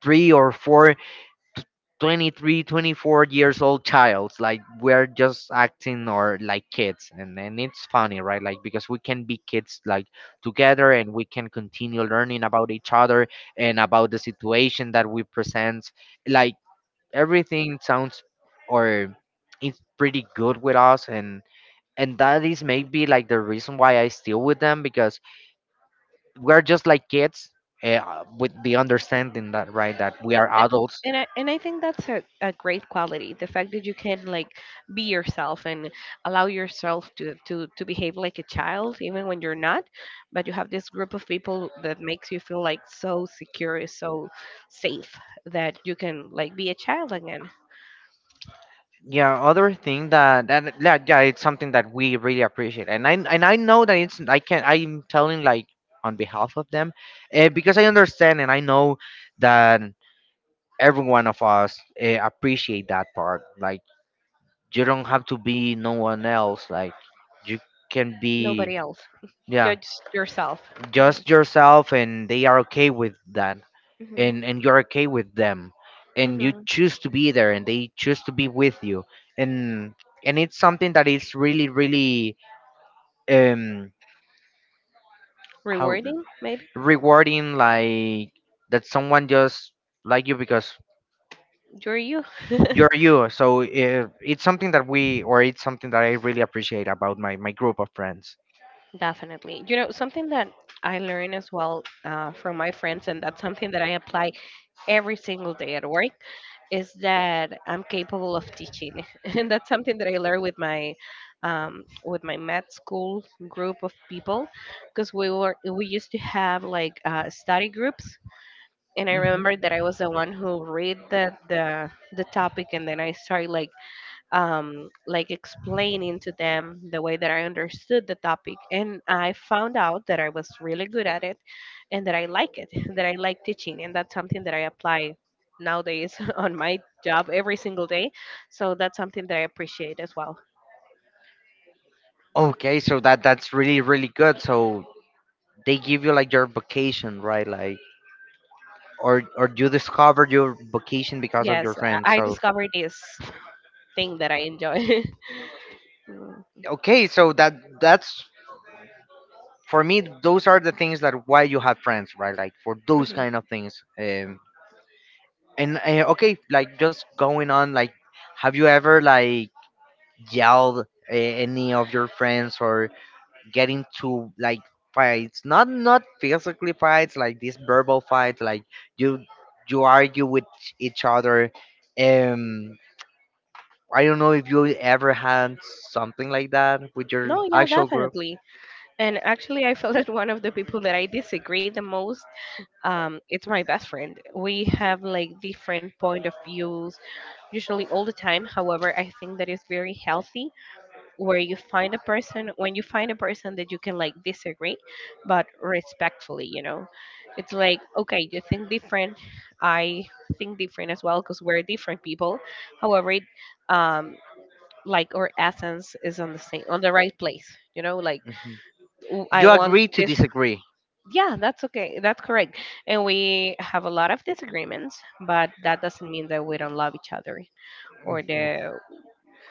A: three or four, t- twenty-three, twenty-four years old childs, like, we're just acting, or like kids, and and it's funny, right, like, because we can be kids, like, together, and we can continue learning about each other, and about the situation that we present, like, everything sounds, or it's pretty good with us, and and that is maybe like the reason why I still with them, because we're just like kids, uh, with the understanding that, right, that we
B: Yeah,
A: are
B: a-
A: adults.
B: and I and I think that's a, a great quality. The fact that you can like be yourself and allow yourself to to to behave like a child, even when you're not. But you have this group of people that makes you feel like so secure, so safe that you can like be a child again.
A: Yeah, other thing that, that yeah, yeah, it's something that we really appreciate, and i and i know that it's I can I'm telling, like, on behalf of them, uh, because I understand, and I know that every one of us uh, appreciate that part, like you don't have to be no one else, like you can
B: Nobody
A: be
B: else.
A: yeah
B: Judge yourself. Hmm.
A: just yourself, and they are okay with that.
B: Hmm.
A: And and you're okay with them, and you
B: Hmm.
A: choose to be there and they choose to be with you. and and it's something that is really really um how
B: Rewarding, maybe.
A: rewarding, like that someone just like you because
B: You're you.
A: you're you. So uh it's something that we, or it's something that I really appreciate about my my group of friends.
B: Definitely. You know, something that I learn as well uh, from my friends, and that's something that I apply every single day at work, is that I'm capable of teaching, and that's something that I learned with my um, with my med school group of people, because we were we used to have like uh, study groups, and I
A: Mhm.
B: remember that I was the one who read the the the topic, and then I started like um, like explaining to them the way that I understood the topic. And I found out that I was really good at it and that I like it, that I like teaching. And that's something that I apply nowadays on my job every single day. So that's something that I appreciate as well.
A: Okay, so that that's really really good. So they give you like your vacation, right? Like or or you discovered your vocation because of
B: Yes,
A: your friends,
B: I I
A: so
B: discovered this thing that I enjoy. Mm.
A: okay, so that that's for me those are the things that why you have friends, right, like for those
B: Mhm.
A: kind of things. Um and uh, Okay, like just going on, like have you ever like yelled uh, any of your friends, or get into like fights, not not physically fights, like these verbal fights, like you you argue with each other. um I don't know if you ever had something like that with your
B: No, yeah,
A: actual group.
B: definitely. And actually, I felt that one of the people that I disagree the most um it's my best friend. We have like different point of views usually all the time. However, I think that is very healthy where you find a person when you find a person that you can like disagree but respectfully, you know. It's like okay, you think different, I think different as well because we're different people. However, it, um like our essence is on the same on the right place, you know, like
A: Mhm.
B: w- I
A: You
B: want
A: agree to
B: this.
A: disagree.
B: Yeah, that's okay. That's correct. And we have a lot of disagreements, but that doesn't mean that we don't love each other or
A: Mhm.
B: the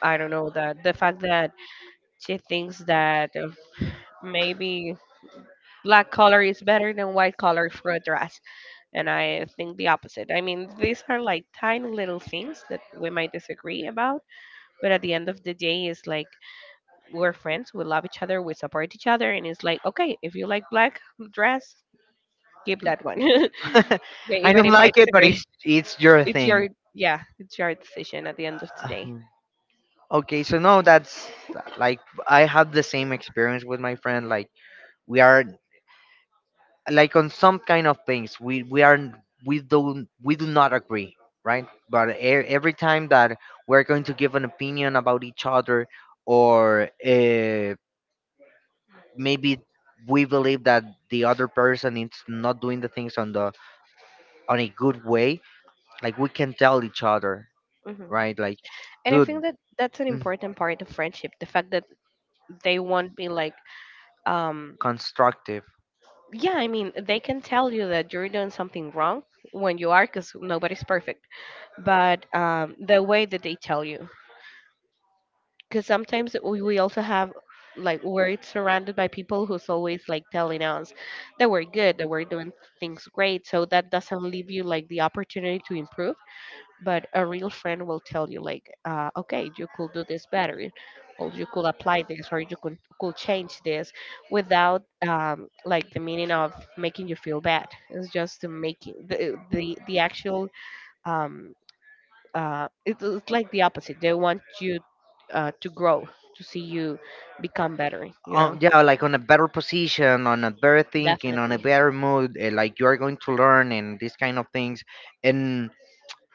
B: I don't know the the fact that she thinks that if maybe black color is better than white color for a dress, and I think the opposite. I mean, these are like tiny little things that we might disagree about, but at the end of the day, it's like we're friends. We love each other. We support each other, and it's like okay, if you like black dress, keep that one. Okay,
A: I
B: even
A: don't
B: if I
A: like it, but
B: disagree,
A: it's it's your
B: it's
A: thing.
B: your yeah, it's your decision at the end of the day.
A: Um, Okay, so no, that's like I have the same experience with my friend. Like we are, like on some kind of things we we are, we don't we do not agree, right? But e- every time that we're going to give an opinion about each other, or uh, maybe we believe that the other person is not doing the things on the on a good way, like we can tell each other,
B: Hmm.
A: right? Like,
B: And I
A: dude,
B: think that that's an
A: mm,
B: important part of friendship. The fact that they won't be like, um,
A: constructive.
B: yeah, I mean, they can tell you that you're doing something wrong when you are, because nobody's perfect. But um, the way that they tell you, because sometimes we, we also have like we're surrounded by people who's always like telling us that we're good, that we're doing things great, so that doesn't leave you like the opportunity to improve, but a real friend will tell you like uh, okay, you could do this better or you could apply this or you could, could change this without um, like the meaning of making you feel bad. It's just to making the the, the actual um, uh, it- it's like the opposite. They want you uh, to grow, to see you become better. You
A: Oh
B: know,
A: yeah, like on a better position, on a better thinking, on a
B: definitely.
A: better mood. eh, Like you are going to learn and these kind of things, and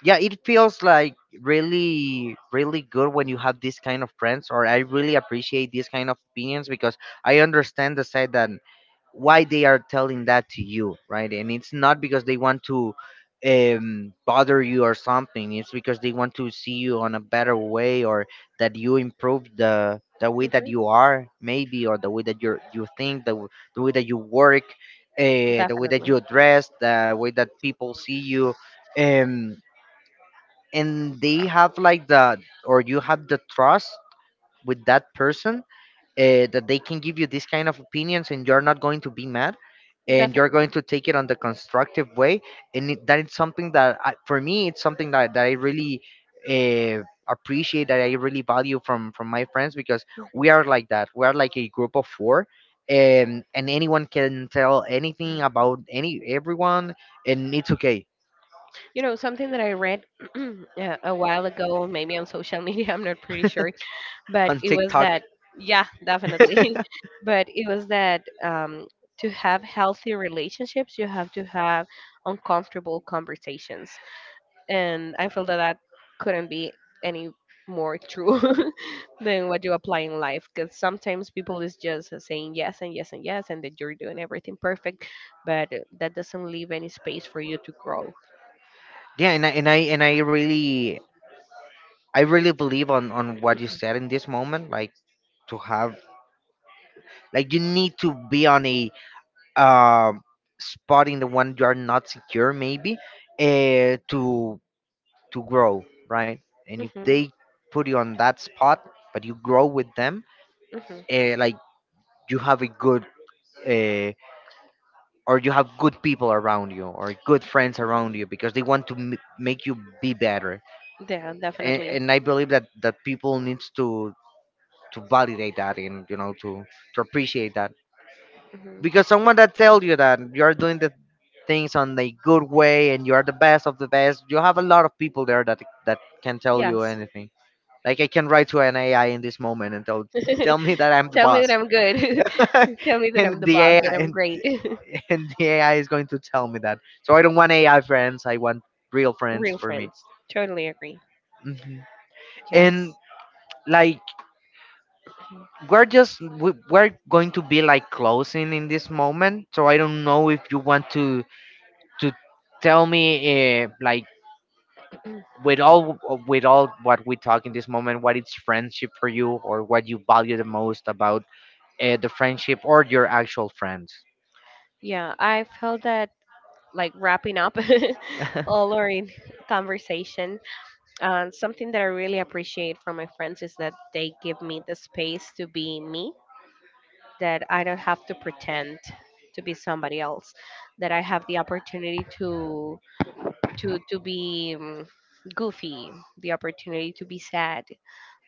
A: yeah, it feels like really really good when you have this kind of friends, or I really appreciate these kind of opinions because I understand the side that why they are telling that to you, right? And it's not because they want to um bother you or something, it's because they want to see you on a better way, or that you improve the the way that
B: Hmm.
A: you are, maybe, or the way that you you think, the, w- the way that you work, uh, the way that
B: Definitely.
A: you dress, the way that people see you. Um, and they have like the, or you have the trust with that person, uh, that they can give you this kind of opinions and you're not going to be mad, and you're
B: Definitely.
A: going to take it on the constructive way. And it, that is something that I, for me it's something that, that I really uh, appreciate, that I really value from from my friends, because
B: Mhm.
A: we are like that, we are like a group of four, and and anyone can tell anything about any everyone, and it's okay.
B: You know, something that I read uh, a while ago, maybe on social media, I'm not pretty sure, but
A: On
B: it was
A: TikTok.
B: that, yeah, definitely. But it was that um, to have healthy relationships, you have to have uncomfortable conversations. And I feel that that couldn't be any more true than what you apply in life because sometimes people is just saying yes and yes and yes and that you're doing everything perfect, but that doesn't leave any space for you to grow.
A: Yeah. And I, and I and I really, I really believe on on what you said in this moment, like to have, like you need to be on a um spot in the one you are not secure maybe, uh, to to grow, right? And if
B: Hmm.
A: they put you on that spot but you grow with them,
B: Hmm.
A: uh, like you have a good, uh, or you have good people around you, or good friends around you, because they want to m- make you be better.
B: Yeah,
A: and,
B: definitely.
A: and I believe that that people needs to to validate that, and you know, to to appreciate that,
B: Hmm.
A: because someone that tells you that you're doing the things on a good way and you're the best of the best, you have a lot of people there that that can tell you
B: Yes.
A: anything. Like I can write to an AI in this moment and tell tell me that I'm the
B: Tell me
A: boss.
B: that I'm good. Tell me that I'm
A: And
B: the
A: the
B: boss, that
A: AI
B: I'm
A: and,
B: great.
A: and the AI is going to tell me that, so I don't want AI friends, I want real friends
B: Real
A: for me.
B: friends. Totally agree.
A: Hmm. And
B: Yes.
A: like we're just we, we're going to be like closing in this moment, so I don't know if you want to to tell me, uh, like with all, with all what we talk in this moment, what is friendship for you, or what you value the most about uh, the friendship, or your actual friends.
B: Yeah, I felt that like wrapping up all our in- conversation. Uh, something that I really appreciate from my friends is that they give me the space to be me, that I don't have to pretend to be somebody else, that I have the opportunity to to to be um, goofy, the opportunity to be sad,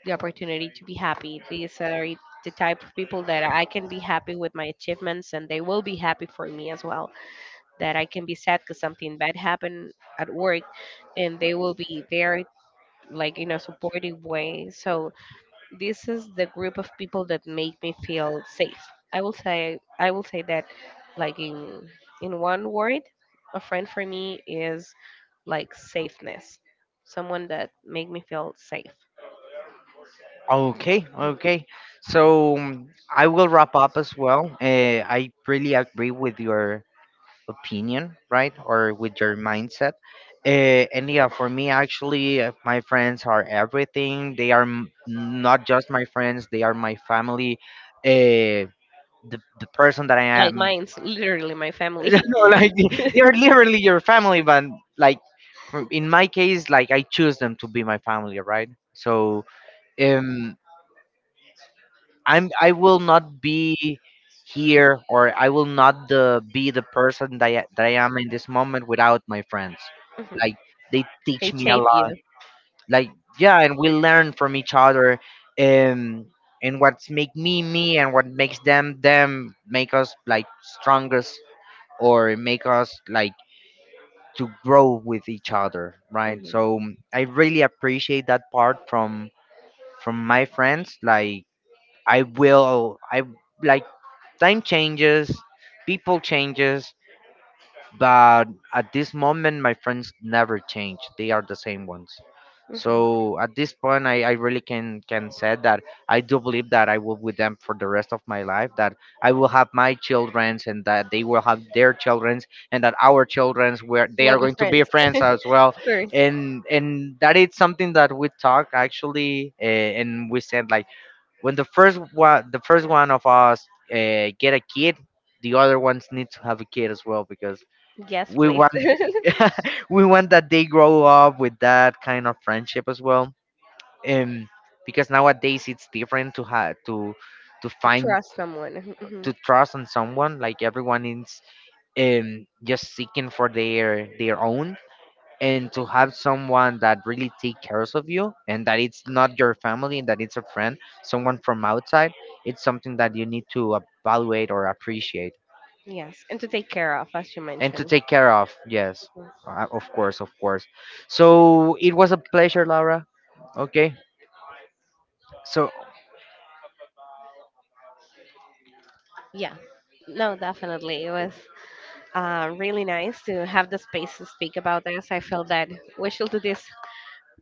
B: the opportunity to be happy. These are the type of people that I can be happy with my achievements and they will be happy for me as well, that I can be sad because something bad happened at work, and they will be there like in a supportive way. So this is the group of people that make me feel safe. I will say I will say that like in in one word, a friend for me is like safeness. Someone that make me feel safe.
A: Okay, okay. So um, I will wrap up as well. Uh, I really agree with your opinion, right, or with your mindset. Uh, and yeah, for me, actually, uh, my friends are everything. They are m- not just my friends, they are my family. Uh, the the person that I
B: Like
A: am,
B: mine's literally my
A: you
B: family.
A: know, like they are literally your family. But like, for- in my case, like I choose them to be my family, right? So um I'm, I will not be here, or I will not the be the person that I, that I am in this moment, without my friends.
B: Mhm.
A: Like they
B: They
A: teach me a
B: shape you.
A: lot. Like yeah, and we learn from each other, um and what's make me me and what makes them them make us like strongest, or make us like to grow with each other, right? So I really appreciate that part from from my friends, like I will. I like, time changes, people changes, but at this moment, my friends never change. They are the same ones.
B: Hmm.
A: So at this point, I, I really can can say that I do believe that I will with them for the rest of my life. That I will have my childrens, and that they will have their childrens, and that our childrens where they
B: Well,
A: are
B: be
A: going to be
B: friends
A: friends as well.
B: first.
A: And and that is something that we talk actually, uh, and we said like, when the first one, the first one of us uh, get a kid, the other ones need to have a kid as well, because
B: Yes,
A: we
B: please.
A: want we want that they grow up with that kind of friendship as well, um because nowadays it's different to have to to
B: To
A: find,
B: trust someone.
A: to
B: Mhm.
A: trust on someone, like everyone is um just seeking for their their own, and to have someone that really take cares of you, and that it's not your family, and that it's a friend, someone from outside, it's something that you need to evaluate or appreciate.
B: Yes, and to take care of, as you
A: And to
B: mentioned.
A: take care of, yes, uh, of course, of course. So it was a pleasure, Laura. Okay, so
B: Yeah. No, definitely. It was uh, really nice to have the space to speak about this. I feel that we should do this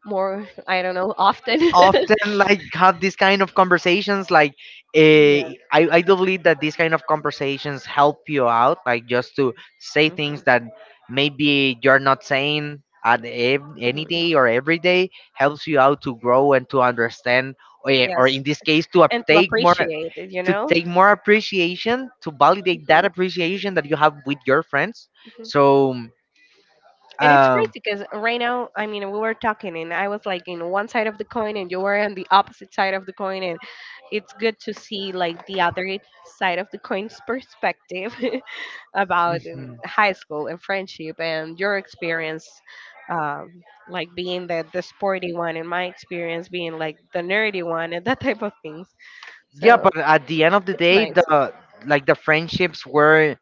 B: more, I don't know, often.
A: often, like have these kind of conversations, like
B: Yes.
A: uh, I, I do believe that these kind of conversations help you out, like just to say
B: Mhm.
A: things that maybe you're not saying at ev- any
B: Mhm.
A: day or every day, helps you out to grow and to understand, or, yeah, or
B: Yes.
A: in this case to
B: And
A: ap-
B: to
A: take more,
B: appreciate it, you
A: to
B: know?
A: take more appreciation, to validate that
B: Mhm.
A: appreciation that you have with your friends,
B: Mhm.
A: so
B: And it's crazy
A: um
B: because right now, I mean, we were talking and I was like in one side of the coin and you were on the opposite side of the coin. And it's good to see like the other side of the coin's perspective about
A: mm-hmm.
B: um, high school and friendship and your experience, um, like being the, the sporty one and my experience being like the nerdy one and that type of things.
A: Yeah,
B: So
A: but at the end of the
B: it's
A: day,
B: nice.
A: the, like the friendships were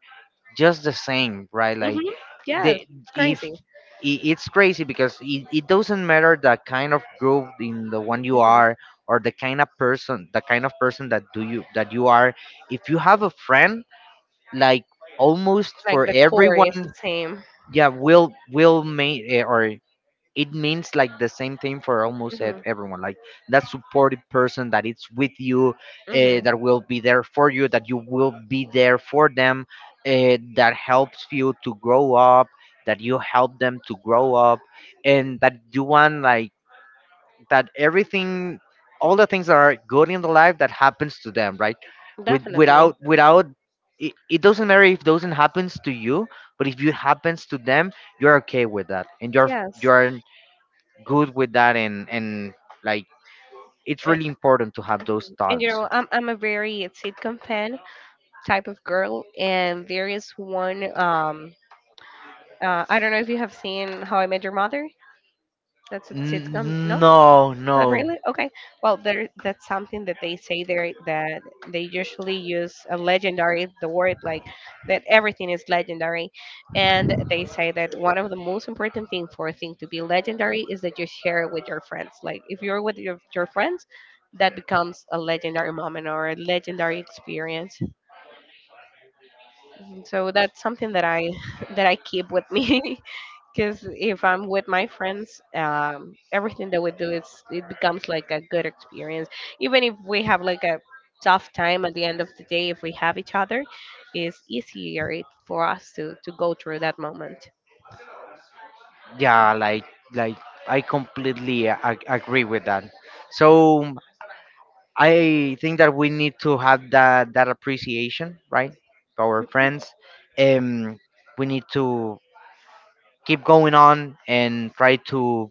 A: just the same, right?
B: Hmm.
A: Like
B: Yeah,
A: they,
B: it's
A: if
B: crazy.
A: i- it's crazy, because it, it doesn't matter the kind of group in the one you are, or the kind of person, the kind of person that do you that you are, if you have a friend, like almost
B: Like
A: for
B: the core
A: everyone,
B: is the same.
A: yeah, will will make, or it means like the same thing for almost ev-
B: Mhm.
A: everyone, like that supportive person that it's with you, uh,
B: Mhm.
A: that will be there for you, that you will be there for them, uh, that helps you to grow up, that you help them to grow up, and that you want, like that everything, all the things that are good in the life that happens to them, right? With,
B: Definitely.
A: without without it, it doesn't matter if doesn't happens to you, but if it happens to them, you're okay with that, and you're
B: Yes.
A: you're good with that, and and like, it's
B: A-
A: really important to have those
B: And you
A: thoughts.
B: know, I'm I'm a very sitcom fan type of girl, and there is one. Um, uh, I don't know if you have seen How I Met Your Mother. That's a sitcom?
A: N-
B: No,
A: no, no.
B: not really. Okay. Well, there that's something that they say there that they usually use a legendary the word like that everything is legendary, and they say that one of the most important thing for a thing to be legendary is that you share it with your friends. Like if you're with your your friends, that becomes a legendary moment or a legendary experience. Mhm. So that's something that I that I keep with me. Because if I'm with my friends, um, everything that we do is it becomes like a good experience. Even if we have like a tough time at the end of the day, if we have each other, it's easier it- for us to to go through that moment
A: Yeah, like like I completely ag- agree with that. So I think that we need to have that that appreciation, right, to our friends. um we need to keep going on and try to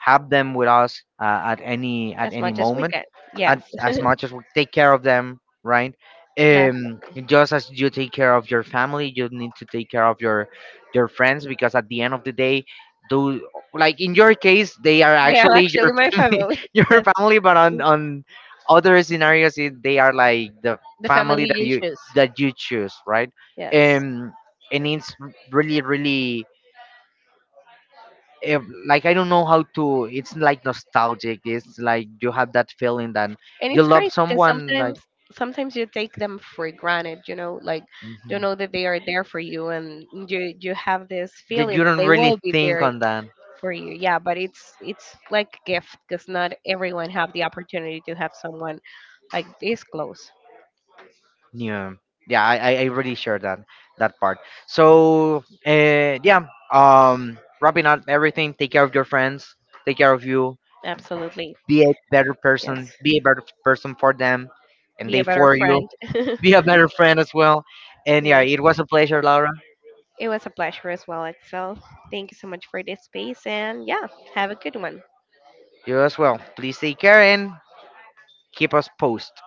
A: have them with us uh, at any, at
B: as
A: any
B: much as we
A: moment,
B: can.
A: at,
B: Yes,
A: as much as we take care of them, right?
B: that
A: um just as you take care of your family, you need to take care of your your friends, because at the end of the day, do, like in your case they are
B: they are
A: actually
B: actually
A: your
B: my
A: family,
B: family.
A: your
B: Yes,
A: family, but on on other scenarios it, they are like the
B: the family
A: family that
B: you
A: you
B: choose.
A: that you choose, right?
B: Yes.
A: um and it's really really, if, like I don't know how to. It's like nostalgic. It's like you have that feeling that
B: And
A: you
B: it's
A: love
B: crazy because
A: someone, like
B: sometimes sometimes you take them for granted, you know, like you
A: mhm,
B: know that they are there for you and you you have this
A: that
B: feeling
A: you
B: that
A: don't
B: they
A: really
B: will be
A: think
B: there
A: on that.
B: for you. Yeah, but it's it's like a gift because not everyone have the opportunity to have someone like this close.
A: Yeah, yeah, I I I really share that that part. So uh, yeah, um, wrapping up everything. Take care of your friends. Take care of you.
B: Absolutely.
A: Be a better
B: Yes,
A: person. Be a better person for them, and
B: be
A: they
B: a better
A: for you.
B: friend.
A: Be a better friend as well. And yeah, it
B: Yes,
A: was a pleasure, Laura.
B: it was a pleasure as well, excel. Thank you so much for this space. And yeah, have a good one.
A: You as well. Please take care and keep us post.